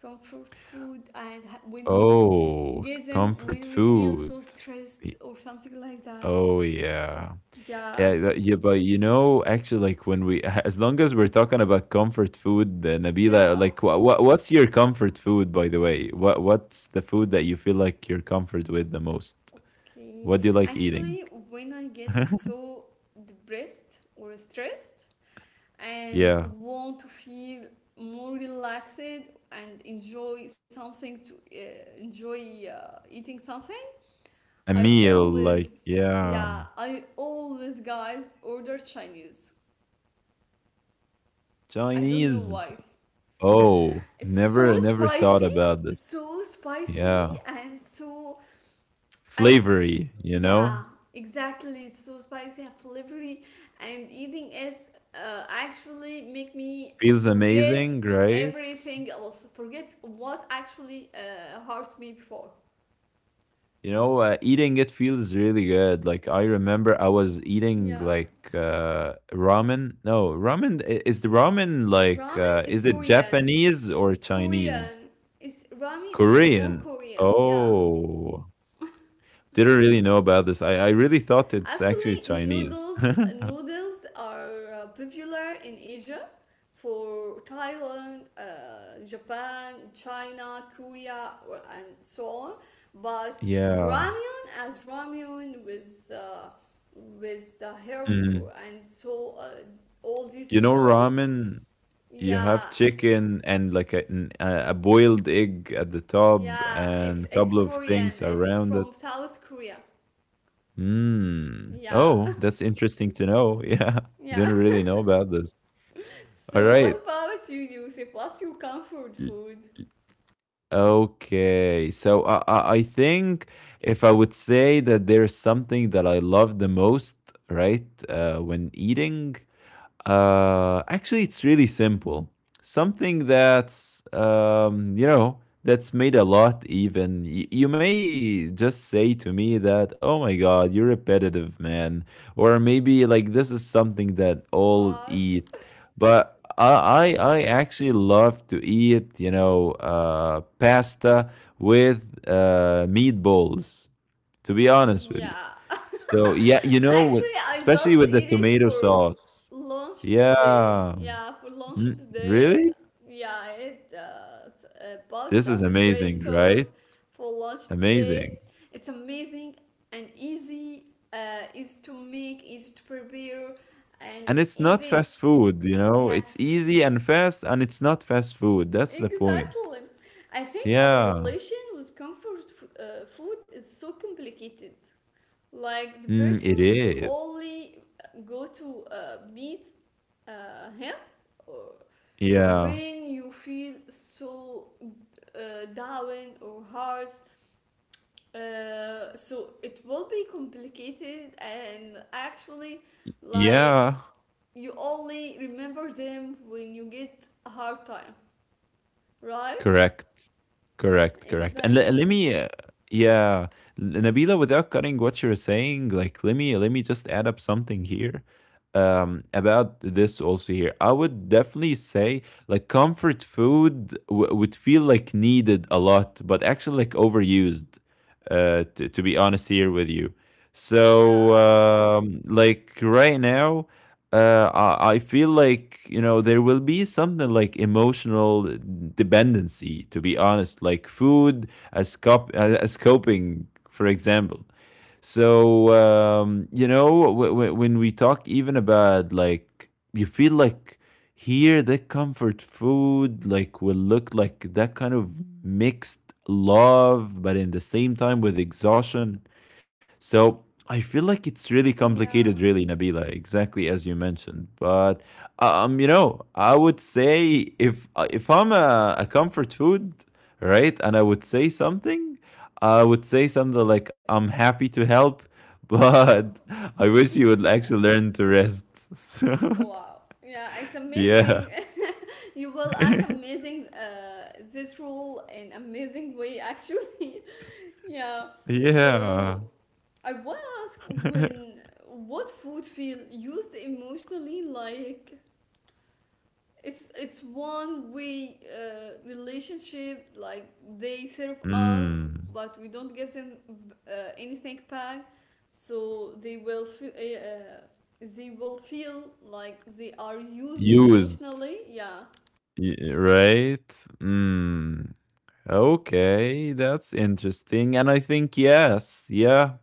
Speaker 1: Comfort food, and when we
Speaker 2: Oh,
Speaker 1: get them
Speaker 2: comfort
Speaker 1: when we feel
Speaker 2: food.
Speaker 1: so
Speaker 2: Y-
Speaker 1: stressed or something like that.
Speaker 2: Oh yeah.
Speaker 1: Yeah,
Speaker 2: Yeah, but you know, actually, like when we, *laughs* as long as we're talking about comfort food,
Speaker 1: yeah.
Speaker 2: Nabila, like, what's your comfort food, by the way? What's the food that you feel like you're comfort with the most?
Speaker 1: Okay.
Speaker 2: What do you like eating?
Speaker 1: Actually, when I get
Speaker 2: *laughs*
Speaker 1: so depressed or stressed, and
Speaker 2: Yeah.
Speaker 1: want to feel more relaxed and enjoy something to enjoy eating something,
Speaker 2: A
Speaker 1: I
Speaker 2: meal, like
Speaker 1: always
Speaker 2: yeah,
Speaker 1: yeah, I always, guys, order Chinese. I don't know why.
Speaker 2: Chinese. Oh,
Speaker 1: It's so
Speaker 2: never, never
Speaker 1: spicy,
Speaker 2: thought about this.
Speaker 1: so spicy,
Speaker 2: Yeah,
Speaker 1: and so I
Speaker 2: flavory, you
Speaker 1: yeah,
Speaker 2: know,
Speaker 1: exactly. It's so spicy and flavory, and eating it actually make me
Speaker 2: feels
Speaker 1: forget
Speaker 2: amazing, right?
Speaker 1: everything else. Forget what actually hurts me before.
Speaker 2: You know, eating it feels really good. Like I remember, I was eating
Speaker 1: Yeah,
Speaker 2: like ramen. No, ramen is the ramen like
Speaker 1: ramen is
Speaker 2: is it
Speaker 1: Korean.
Speaker 2: Japanese or Chinese?
Speaker 1: Korean is ramen is more
Speaker 2: Korean.
Speaker 1: Korean. Yeah.
Speaker 2: Oh, didn't really know about this. I really thought it's actually
Speaker 1: Actually,
Speaker 2: Chinese.
Speaker 1: noodles
Speaker 2: *laughs*
Speaker 1: noodles are popular in Asia, for Thailand, Japan, China, Korea, and so on. But
Speaker 2: Yeah.
Speaker 1: ramyun as ramyun with the herbs
Speaker 2: Mm.
Speaker 1: and so all these
Speaker 2: You know,
Speaker 1: details.
Speaker 2: ramen, you
Speaker 1: Yeah,
Speaker 2: have chicken and like a, an- a boiled egg at the top
Speaker 1: yeah,
Speaker 2: and a
Speaker 1: it's
Speaker 2: couple of
Speaker 1: Korean.
Speaker 2: things
Speaker 1: It's
Speaker 2: around
Speaker 1: from
Speaker 2: it.
Speaker 1: South Korea.
Speaker 2: Mm.
Speaker 1: Yeah,
Speaker 2: Oh, that's interesting to know. *laughs* Yeah.
Speaker 1: *laughs* yeah.
Speaker 2: Didn't really know about this. All
Speaker 1: So what
Speaker 2: right.
Speaker 1: about you, Yusuf? What's your comfort
Speaker 2: L-
Speaker 1: food?
Speaker 2: Okay. So I think if I would say that there's something that I love the most, right, when eating, actually, it's really simple. Something that's you know that's made a lot. Even you may just say to me that, "Oh my God, you're repetitive, man," or maybe like this is something that all
Speaker 1: What?
Speaker 2: eat. But I actually love to eat you know pasta with meatballs to be honest with you.
Speaker 1: Yeah. *laughs*
Speaker 2: So yeah, you know, with,
Speaker 1: Actually, I just
Speaker 2: especially with the
Speaker 1: eat it
Speaker 2: tomato
Speaker 1: for
Speaker 2: sauce.
Speaker 1: lunch today.
Speaker 2: Yeah.
Speaker 1: Yeah, for lunch
Speaker 2: Mm,
Speaker 1: today.
Speaker 2: really?
Speaker 1: Yeah, I ate
Speaker 2: This
Speaker 1: pasta
Speaker 2: is
Speaker 1: with red
Speaker 2: amazing, right?
Speaker 1: sauce for lunch today.
Speaker 2: Amazing.
Speaker 1: It's amazing and easy. Easy to make, easy to prepare, and
Speaker 2: And it's not
Speaker 1: even
Speaker 2: fast food, you know? It's
Speaker 1: yes,
Speaker 2: easy and fast, and it's not fast food. That's the point.
Speaker 1: exactly. I think our
Speaker 2: Yeah.
Speaker 1: relation with comfort food is so complicated. Like the
Speaker 2: Mm, it
Speaker 1: person you
Speaker 2: is.
Speaker 1: only go to meet him or
Speaker 2: Yeah.
Speaker 1: when you feel so down or hard, so it will be complicated, and actually like
Speaker 2: Yeah.
Speaker 1: you only remember them when you get a hard time, right?
Speaker 2: Correct. Correct, correct. And let
Speaker 1: Exactly.
Speaker 2: me yeah, N Nabila, without cutting what you're saying, like, let me just add up something here, about this also here. I would definitely say, like, comfort food w would feel, like, needed a lot, but actually, like, overused, to be honest here with you. So,
Speaker 1: Yeah.
Speaker 2: like, right now, I feel like you know there will be something like emotional dependency. To be honest, like food as coping, for example. So you know when we talk even about like you feel like here the comfort food like will look like that kind of mixed love, but in the same time with exhaustion so I feel like it's really complicated,
Speaker 1: Yeah.
Speaker 2: really, Nabila, exactly as you mentioned. But you know, I would say if I'm a comfort food, right, and I would say something, I would say something like I'm happy to help, but *laughs* I wish you
Speaker 1: *laughs*
Speaker 2: would
Speaker 1: Yeah.
Speaker 2: actually learn to rest. *laughs* So
Speaker 1: Wow, yeah, it's
Speaker 2: yeah,
Speaker 1: amazing. You will act
Speaker 2: *laughs*
Speaker 1: amazing. This role in amazing way actually. *laughs* Yeah.
Speaker 2: yeah.
Speaker 1: So I want to ask
Speaker 2: *laughs*
Speaker 1: when what food feel used emotionally, like it's one way relationship, like they serve us
Speaker 2: Mm.
Speaker 1: but we don't give them anything back, so they will feel like they are used
Speaker 2: Used,
Speaker 1: emotionally. Yeah.
Speaker 2: right? Mm. Okay, that's interesting. And I think, yes, yeah,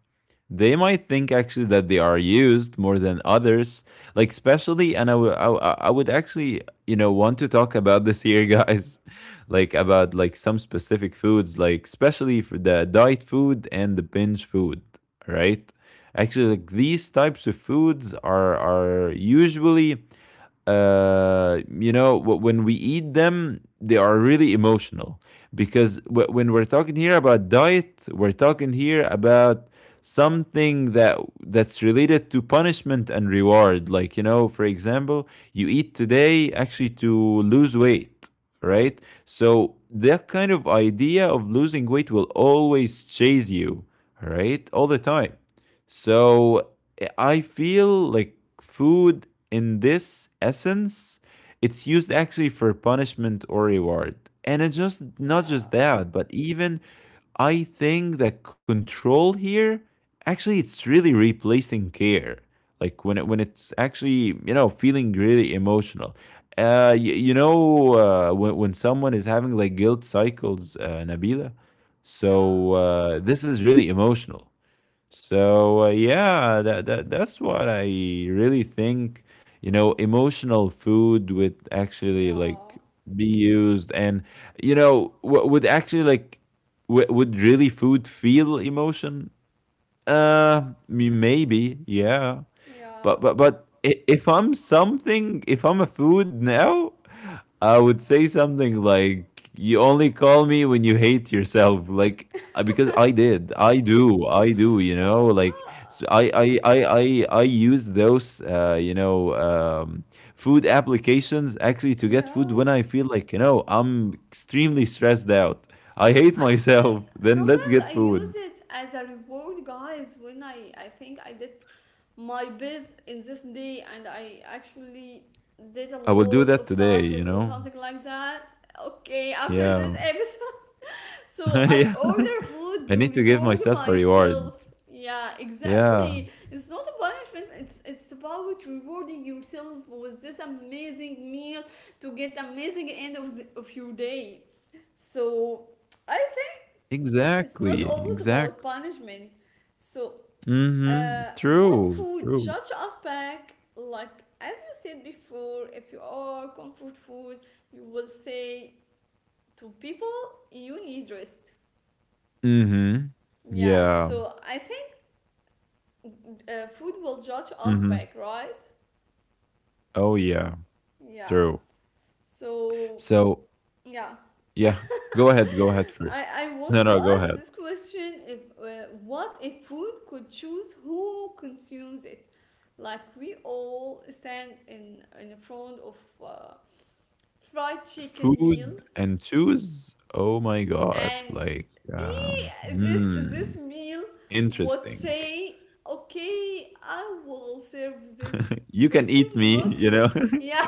Speaker 2: they might think actually that they are used more than others, like, especially. And I would actually, you know, want to talk about this here, guys, *laughs* like, about like some specific foods, like, especially for the diet food and the binge food, right? Actually, like, these types of foods are usually you know, when we eat them, they are really emotional because when we're talking here about diet, we're talking here about something that that's related to punishment and reward. Like you know, for example, you eat today actually to lose weight, right? So that kind of idea of losing weight will always chase you, right, all the time. So I feel like food in this essence, it's used actually for punishment or reward. And it's just not just
Speaker 1: Yeah.
Speaker 2: that, but even I think that control here actually it's really replacing care. Like when it, when it's actually you know feeling really emotional. Uh, y- you know when someone is having like guilt cycles, Nabila.
Speaker 1: Yeah.
Speaker 2: So this is really emotional. So yeah, that's what I really think. You know, emotional food would actually
Speaker 1: Yeah,
Speaker 2: like be used, and you know, would actually like would really food feel emotion? Maybe, yeah. But
Speaker 1: yeah.
Speaker 2: if I'm something, if I'm a food now, I would say something like, "You only call me when you hate yourself," like because I did, I do, I do. You know, like s
Speaker 1: Wow.
Speaker 2: I use those, you know, food applications actually to get food
Speaker 1: Yeah.
Speaker 2: when I feel like you know I'm extremely stressed out. I hate
Speaker 1: Actually,
Speaker 2: myself. *laughs* Then let's
Speaker 1: sometimes
Speaker 2: get
Speaker 1: I use
Speaker 2: food.
Speaker 1: it as a reward, guys, when I think I did my best in this day and I actually did a
Speaker 2: I will do
Speaker 1: lot
Speaker 2: that
Speaker 1: of
Speaker 2: today, you
Speaker 1: tasks or
Speaker 2: know?
Speaker 1: something like that. Okay, after
Speaker 2: Yeah.
Speaker 1: this. So
Speaker 2: *laughs*
Speaker 1: I
Speaker 2: Yeah.
Speaker 1: order
Speaker 2: *laughs*
Speaker 1: food
Speaker 2: I
Speaker 1: to
Speaker 2: need to give
Speaker 1: reward
Speaker 2: myself a reward.
Speaker 1: myself. Yeah,
Speaker 2: Yeah.
Speaker 1: exactly. It's not a punishment. It's about rewarding yourself with this amazing meal to get amazing end of of your day. So I think it's not
Speaker 2: Exactly.
Speaker 1: always about
Speaker 2: Exactly.
Speaker 1: punishment. So
Speaker 2: Mm-hmm.
Speaker 1: uh, what
Speaker 2: True.
Speaker 1: food
Speaker 2: True.
Speaker 1: judge us back? Like as you said before, if you are comfort food, you will say to people you need rest.
Speaker 2: Mm-hmm.
Speaker 1: Yeah,
Speaker 2: Yeah.
Speaker 1: so I think food will judge us
Speaker 2: Mm-hmm.
Speaker 1: back, right?
Speaker 2: Oh yeah.
Speaker 1: Yeah.
Speaker 2: True.
Speaker 1: So
Speaker 2: So
Speaker 1: yeah,
Speaker 2: yeah. Go
Speaker 1: *laughs*
Speaker 2: ahead. Go ahead
Speaker 1: I
Speaker 2: first.
Speaker 1: I
Speaker 2: No,
Speaker 1: wanted to
Speaker 2: no, go
Speaker 1: ask
Speaker 2: ahead.
Speaker 1: this question: if what if food could choose who consumes it? Like we all stand in front of uh, fried chicken meal,
Speaker 2: Food and choose. Oh my god.
Speaker 1: and
Speaker 2: Like um
Speaker 1: He this
Speaker 2: hmm.
Speaker 1: this meal would
Speaker 2: Interesting.
Speaker 1: say, okay, I will serve this
Speaker 2: You can
Speaker 1: person,
Speaker 2: eat me,
Speaker 1: not
Speaker 2: you
Speaker 1: you.
Speaker 2: know.
Speaker 1: Yeah.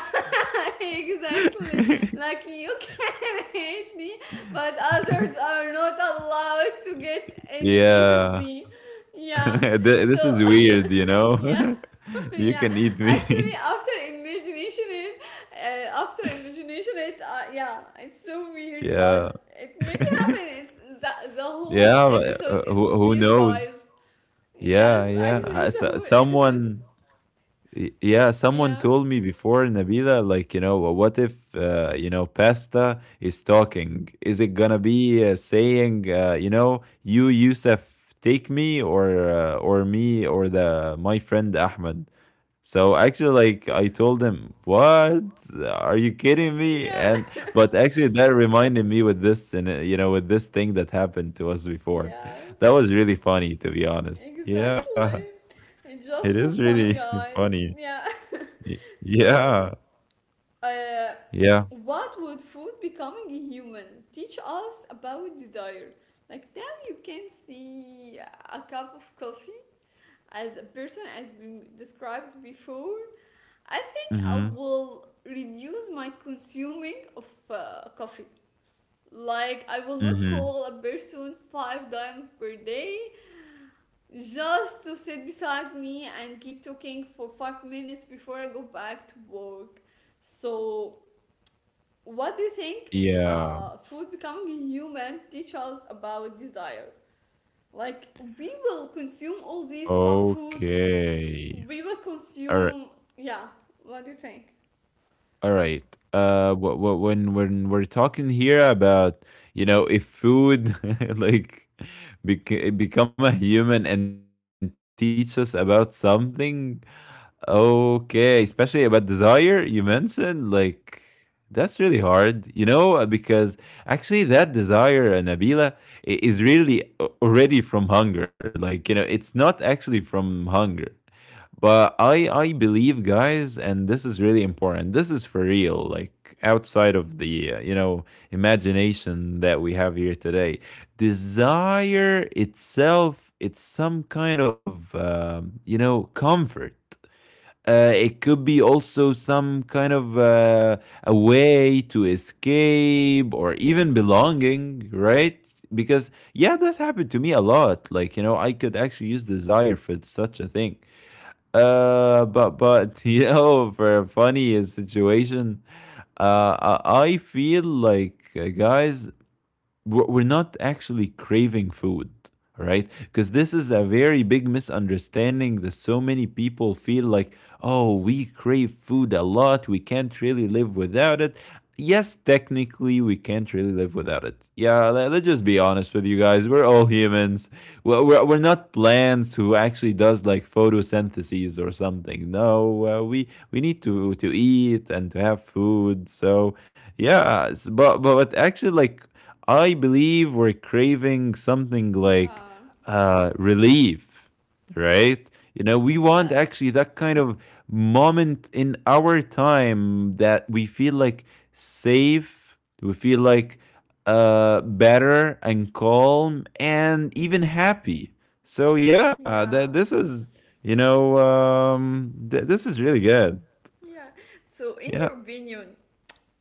Speaker 1: *laughs* Exactly.
Speaker 2: *laughs*
Speaker 1: Like you can *laughs* hate me, but others are not allowed to get any piece of
Speaker 2: Yeah.
Speaker 1: me.
Speaker 2: *laughs*
Speaker 1: Yeah.
Speaker 2: Th This is
Speaker 1: So
Speaker 2: weird, you
Speaker 1: *laughs*
Speaker 2: know?
Speaker 1: yeah.
Speaker 2: *laughs*
Speaker 1: *laughs*
Speaker 2: You
Speaker 1: Yeah,
Speaker 2: can eat
Speaker 1: actually
Speaker 2: me. *laughs*
Speaker 1: after imagination it, after imagination it, yeah, it's so weird,
Speaker 2: Yeah.
Speaker 1: but it maybe
Speaker 2: *laughs*
Speaker 1: happen. It's the
Speaker 2: Yeah,
Speaker 1: whole
Speaker 2: but,
Speaker 1: episode is
Speaker 2: who
Speaker 1: weird, guys.
Speaker 2: knows?
Speaker 1: Yes,
Speaker 2: Yeah, yeah.
Speaker 1: actually the
Speaker 2: So
Speaker 1: whole episode.
Speaker 2: someone yeah,
Speaker 1: Yeah.
Speaker 2: someone told me before, Nabila, like, you know, "Well, what if, you know, pasta is talking? Is it gonna be saying, you know, you, Yusuf, take me or me or the my friend Ahmed? So actually, like I told him, "What? Are you kidding me?" And
Speaker 1: Yeah. *laughs*
Speaker 2: but actually, that reminded me with this, and you know, with this thing that happened to us before,
Speaker 1: Yeah,
Speaker 2: that was really funny, to be honest. Yeah,
Speaker 1: exactly. And
Speaker 2: it
Speaker 1: just for
Speaker 2: is
Speaker 1: fun,
Speaker 2: really *laughs*
Speaker 1: guys.
Speaker 2: funny.
Speaker 1: Yeah. *laughs* So
Speaker 2: Yeah,
Speaker 1: Uh,
Speaker 2: yeah.
Speaker 1: what would food becoming a human teach us about desire? Like now you can see a cup of coffee as a person as we described before. I think I
Speaker 2: Mm-hmm.
Speaker 1: will reduce my consuming of coffee. Like I will not
Speaker 2: Mm-hmm.
Speaker 1: call a person 5 times per day just to sit beside me and keep talking for 5 minutes before I go back to work. So what do you think
Speaker 2: Yeah.
Speaker 1: food becoming human teach us about desire? Like we will consume all these fast foods.
Speaker 2: Okay.
Speaker 1: We will
Speaker 2: All right.
Speaker 1: consume. Yeah. What do you think?
Speaker 2: All right. When we're talking here about you know if food *laughs* like become a human and teach us about something, okay, especially about desire you mentioned, like that's really hard, you know, because actually that desire, Nabila, is really already from hunger. Like you know, it's not actually from hunger, but I believe, guys, and this is really important. This is for real, like outside of the you know imagination that we have here today. Desire itself, it's some kind of you know, comfort. It could be also some kind of, a way to escape, or even belonging, right? Because yeah, that happened to me a lot. Like, you know, I could actually use desire for such a thing. But *laughs* you know, for a funny situation, I feel like, guys, we're not actually craving food, right? Because this is a very big misunderstanding. That so many people feel like, oh, we crave food a lot, we can't really live without it. Yes, technically, we can't really live without it. Yeah, let's just be honest with you, guys. We're all humans. We're not plants, who actually does like photosynthesis or something. No, we need to eat and to have food. So yeah, but actually, like, I believe we're craving something like,
Speaker 1: Yeah.
Speaker 2: relief, right? You know, we want
Speaker 1: Yes.
Speaker 2: actually that kind of moment in our time that we feel like safe, we feel like, better and calm and even happy. So yeah,
Speaker 1: Yeah.
Speaker 2: that this is, you know, this is really good.
Speaker 1: Yeah. So, in your
Speaker 2: Yeah.
Speaker 1: opinion,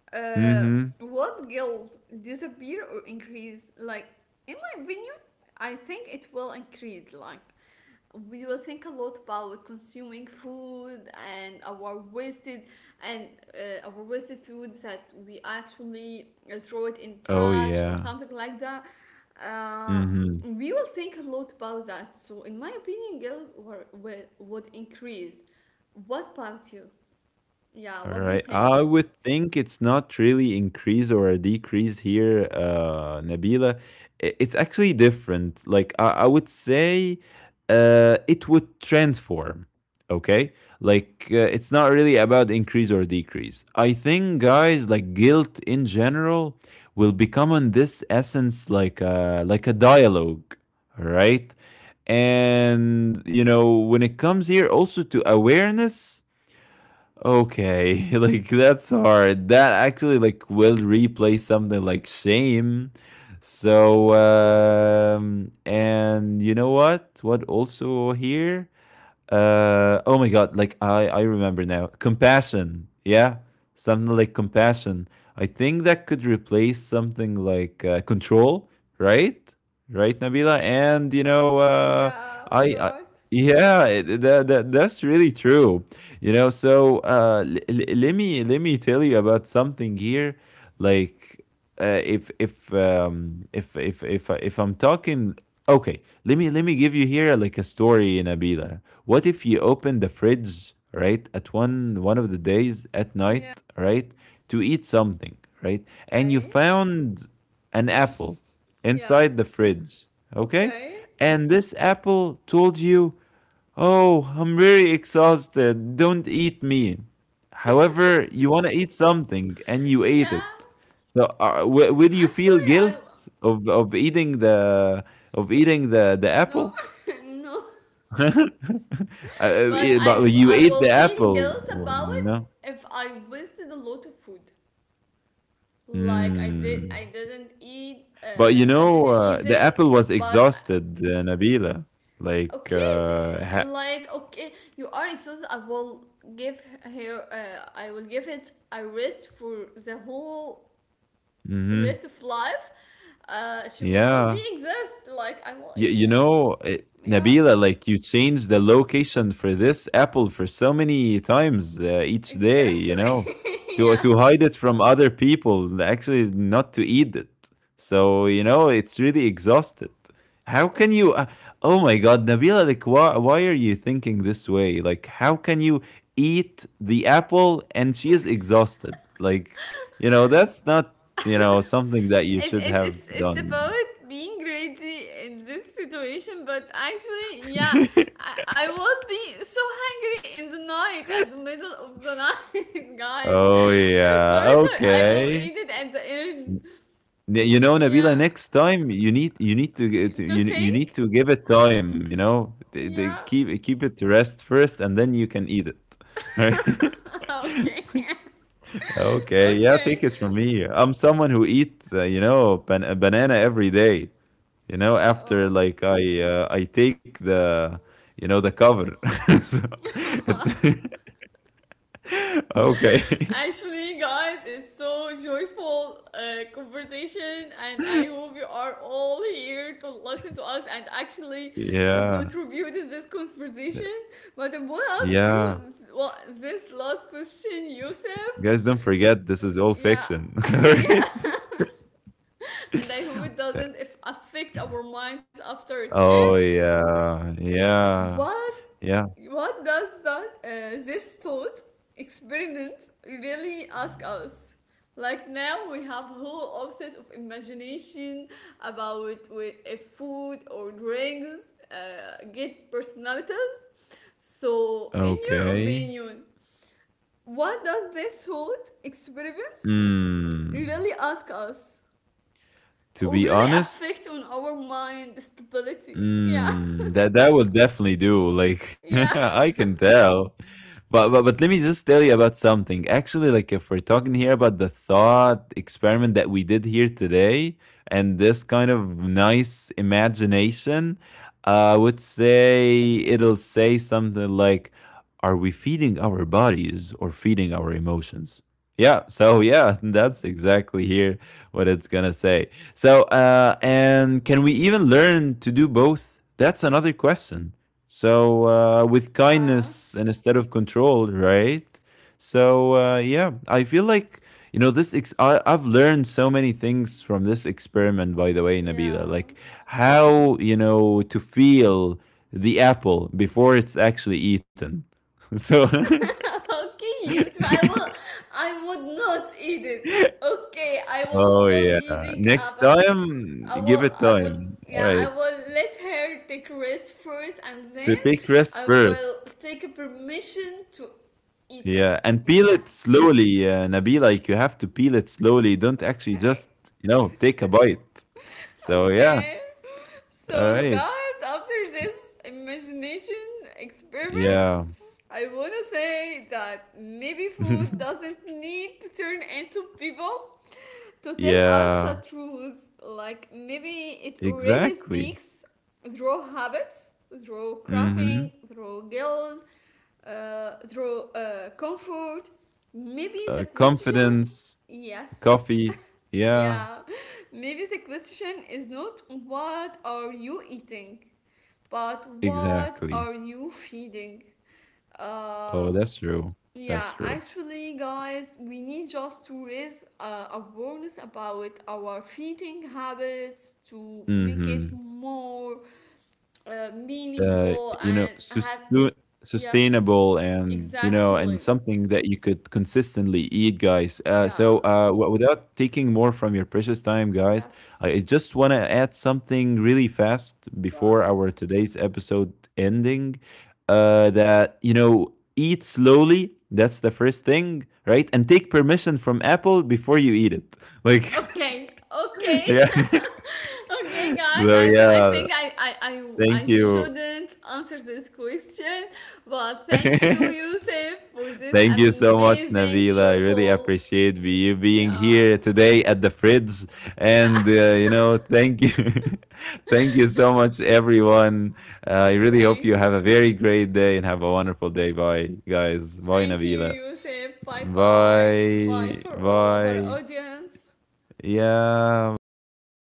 Speaker 1: Uh,
Speaker 2: Mm-hmm.
Speaker 1: what guilt disappear or increase? Like in my opinion, I think it will increase. Like we will think a lot about consuming food and our wasted and our wasted food that we actually throw it in
Speaker 2: Oh
Speaker 1: trash or
Speaker 2: yeah.
Speaker 1: something like that. Uh,
Speaker 2: Mm-hmm.
Speaker 1: we will think a lot about that. So in my opinion, guilt would increase. What about you? Yeah,
Speaker 2: All
Speaker 1: what do you
Speaker 2: right.
Speaker 1: think?
Speaker 2: I would think it's not really increase or a decrease here, Nabila. It's actually different. Like, I would say, it would transform. Okay, like, it's not really about increase or decrease. I think, guys, like guilt in general will become on this essence like a dialogue. All right, and you know, when it comes here also to awareness, okay, *laughs* like that's hard, that actually like will replace something like shame. So um, and you know what also here, uh, oh my God, like I remember now, compassion. Yeah, something like compassion. I think that could replace something like, control, right? Right, Nabila. And you know, uh,
Speaker 1: Yeah,
Speaker 2: I
Speaker 1: right.
Speaker 2: yeah, that's really true. You know, so let me tell you about something here. Like, if I'm talking, okay, let me give you here like a story, Nabila. What if you open the fridge, right, at one of the days at
Speaker 1: Yeah.
Speaker 2: night, right, to eat something, right, and you
Speaker 1: Okay.
Speaker 2: found an apple
Speaker 1: Yeah.
Speaker 2: inside the fridge, okay?
Speaker 1: Okay.
Speaker 2: And this apple told you, "Oh, I'm very exhausted. Don't eat me." However, you want to eat something and you ate
Speaker 1: Yeah.
Speaker 2: it. So, will you feel
Speaker 1: Actually, I
Speaker 2: guilt of eating the of eating the
Speaker 1: no,
Speaker 2: apple?
Speaker 1: *laughs* no.
Speaker 2: *laughs* uh,
Speaker 1: But
Speaker 2: but you
Speaker 1: I
Speaker 2: ate
Speaker 1: will
Speaker 2: the
Speaker 1: feel
Speaker 2: apple,
Speaker 1: guilt about
Speaker 2: you
Speaker 1: it
Speaker 2: know.
Speaker 1: if I wasted a lot of food. Like I
Speaker 2: Mm.
Speaker 1: didn't eat.
Speaker 2: But you
Speaker 1: I
Speaker 2: know,
Speaker 1: didn't eat
Speaker 2: the
Speaker 1: them.
Speaker 2: apple was
Speaker 1: But
Speaker 2: exhausted, Nabila. Like,
Speaker 1: okay, it's,
Speaker 2: ha-
Speaker 1: like okay, you are exhausted. I will give her. I will give it a rest for the whole
Speaker 2: mhm.
Speaker 1: rest of life, she will not
Speaker 2: Yeah.
Speaker 1: be exist. Like I will
Speaker 2: You,
Speaker 1: eat
Speaker 2: you
Speaker 1: it.
Speaker 2: know, eh,
Speaker 1: Yeah,
Speaker 2: Nabila, like you change the location for this apple for so many times, each day, you know,
Speaker 1: exactly. *laughs*
Speaker 2: to
Speaker 1: Yeah.
Speaker 2: to hide it from other people, actually not to eat it. So, you know, it's really exhausted. How can
Speaker 1: Okay.
Speaker 2: you, oh my God, Nabila, like why, are you thinking this way? Like, how can you eat the apple and she is exhausted? Like, you know, that's not, you know, something that you
Speaker 1: It,
Speaker 2: should
Speaker 1: it,
Speaker 2: have
Speaker 1: it's it's
Speaker 2: done.
Speaker 1: about being greedy in this situation, but actually, yeah,
Speaker 2: *laughs*
Speaker 1: I will be so hungry in the night, at the middle of the night, *laughs* guys.
Speaker 2: Oh
Speaker 1: Of
Speaker 2: yeah.
Speaker 1: course, I will
Speaker 2: Okay.
Speaker 1: eat it at the end.
Speaker 2: N- You know, Nabila,
Speaker 1: Yeah,
Speaker 2: next time you need to, g- to you
Speaker 1: to
Speaker 2: you need
Speaker 1: think.
Speaker 2: to give it time. You know, they
Speaker 1: Yeah.
Speaker 2: keep keep it to rest first, and then you can eat it. *laughs* Right?
Speaker 1: *laughs* Okay. *laughs* *laughs*
Speaker 2: Okay. Yeah,
Speaker 1: Okay.
Speaker 2: take it from me. I'm someone who eats, you know, a banana every day. You know, after
Speaker 1: Oh.
Speaker 2: like, I take the, you know, the cover. *laughs* So it's
Speaker 1: *laughs*
Speaker 2: *laughs* okay.
Speaker 1: Actually, guys, it's so joyful conversation, and I hope you are all here to listen to us and actually
Speaker 2: *laughs*
Speaker 1: to
Speaker 2: Yeah.
Speaker 1: contribute in this
Speaker 2: Th-
Speaker 1: conversation. But I want to ask you
Speaker 2: Yeah.
Speaker 1: what this last question, Yusuf.
Speaker 2: Guys, don't forget, this is all
Speaker 1: Yeah,
Speaker 2: fiction, *laughs*
Speaker 1: *laughs* yeah.
Speaker 2: right?
Speaker 1: *laughs* And I hope it
Speaker 2: *laughs*
Speaker 1: doesn't if affect our minds after it
Speaker 2: Oh
Speaker 1: ends.
Speaker 2: yeah,
Speaker 1: What
Speaker 2: yeah.
Speaker 1: What does that this thought experiment really ask us? Like now we have whole offset of imagination about if food or drinks get personalities. So in your
Speaker 2: Okay.
Speaker 1: opinion, what does this thought experiment
Speaker 2: Hmm.
Speaker 1: really ask us
Speaker 2: To be
Speaker 1: or really
Speaker 2: honest,
Speaker 1: affect on our mind stability? Yeah,
Speaker 2: mm, that that will definitely do. Like *laughs*
Speaker 1: *laughs* yeah,
Speaker 2: I can tell. But let me just tell you about something. Actually, like, if we're talking here about the thought experiment that we did here today and this kind of nice imagination, I would say it'll say something like, "Are we feeding our bodies or feeding our emotions?" Yeah, so yeah, *laughs* that's exactly here what it's gonna say. So, and can we even learn to do both? That's another question. So, with
Speaker 1: yeah,
Speaker 2: kindness and instead of control, right? So, yeah, I feel like, you know, I've learned so many things from this experiment, by the way, Nabila,
Speaker 1: yeah.
Speaker 2: like how, you know, to feel the apple before it's actually eaten. *laughs* So,
Speaker 1: Okay, Yusuf,
Speaker 2: *laughs*
Speaker 1: I would not eat it. Okay, I will
Speaker 2: oh,
Speaker 1: stop
Speaker 2: yeah.
Speaker 1: eating
Speaker 2: Next
Speaker 1: apple.
Speaker 2: time, give it
Speaker 1: I would,
Speaker 2: time. All
Speaker 1: yeah, I
Speaker 2: right.
Speaker 1: will let her take rest first and
Speaker 2: To
Speaker 1: then
Speaker 2: take rest
Speaker 1: I
Speaker 2: first.
Speaker 1: will take permission to eat it.
Speaker 2: Yeah, and peel it
Speaker 1: Yes.
Speaker 2: slowly, Nabi. Like, you have to peel it slowly. Don't actually
Speaker 1: Okay.
Speaker 2: just, you know, take a bite. So yeah,
Speaker 1: Okay.
Speaker 2: all
Speaker 1: So
Speaker 2: right.
Speaker 1: guys, after this imagination experiment,
Speaker 2: Yeah,
Speaker 1: I wanna say that maybe food
Speaker 2: *laughs*
Speaker 1: doesn't need to turn into people to tell us a
Speaker 2: yeah,
Speaker 1: truth. Like maybe it already
Speaker 2: exactly.
Speaker 1: speaks through habits, through crafting,
Speaker 2: Mm-hmm.
Speaker 1: through guilt, through comfort. Maybe the question,
Speaker 2: Confidence,
Speaker 1: yes,
Speaker 2: coffee. Yeah,
Speaker 1: yeah, *laughs* maybe the question is not what are you eating, but what
Speaker 2: exactly.
Speaker 1: are you feeding. Uh,
Speaker 2: Oh, that's true.
Speaker 1: yeah,
Speaker 2: That's true.
Speaker 1: actually, guys, we need just to raise awareness about our feeding habits to make it
Speaker 2: Mm-hmm.
Speaker 1: more
Speaker 2: Uh,
Speaker 1: meaningful
Speaker 2: you know,
Speaker 1: and have.
Speaker 2: sustu
Speaker 1: Yes,
Speaker 2: sustainable, and, you know, and
Speaker 1: exactly.
Speaker 2: something that you could consistently eat, guys.
Speaker 1: Yeah,
Speaker 2: So, w without taking more from your precious time, guys,
Speaker 1: yes.
Speaker 2: I just want to add something really fast
Speaker 1: Go
Speaker 2: before
Speaker 1: ahead.
Speaker 2: our today's episode ending. That, you know, eat slowly. That's the first thing, right? And take permission from Apple before you eat it. Like,
Speaker 1: Okay,
Speaker 2: *laughs*
Speaker 1: okay.
Speaker 2: yeah. *laughs*
Speaker 1: *laughs* Okay, guys,
Speaker 2: So,
Speaker 1: I
Speaker 2: yeah,
Speaker 1: think I
Speaker 2: thank you.
Speaker 1: shouldn't answer this question, but thank you,
Speaker 2: *laughs*
Speaker 1: Yusuf, for this
Speaker 2: Thank you so much,
Speaker 1: amazing,
Speaker 2: Nabila. I really
Speaker 1: joyful.
Speaker 2: appreciate you being
Speaker 1: Yeah.
Speaker 2: here today at the fridge.
Speaker 1: Yeah.
Speaker 2: And,
Speaker 1: *laughs*
Speaker 2: you know, thank you. *laughs* Thank you so much, everyone. I really
Speaker 1: Thank
Speaker 2: hope you have a very great day and have a wonderful day. Bye, guys.
Speaker 1: Thank
Speaker 2: Bye,
Speaker 1: you,
Speaker 2: Nabila.
Speaker 1: Yusuf. Bye bye. Bye for
Speaker 2: Bye.
Speaker 1: all of our
Speaker 2: Bye.
Speaker 1: audience.
Speaker 2: Yeah, bye.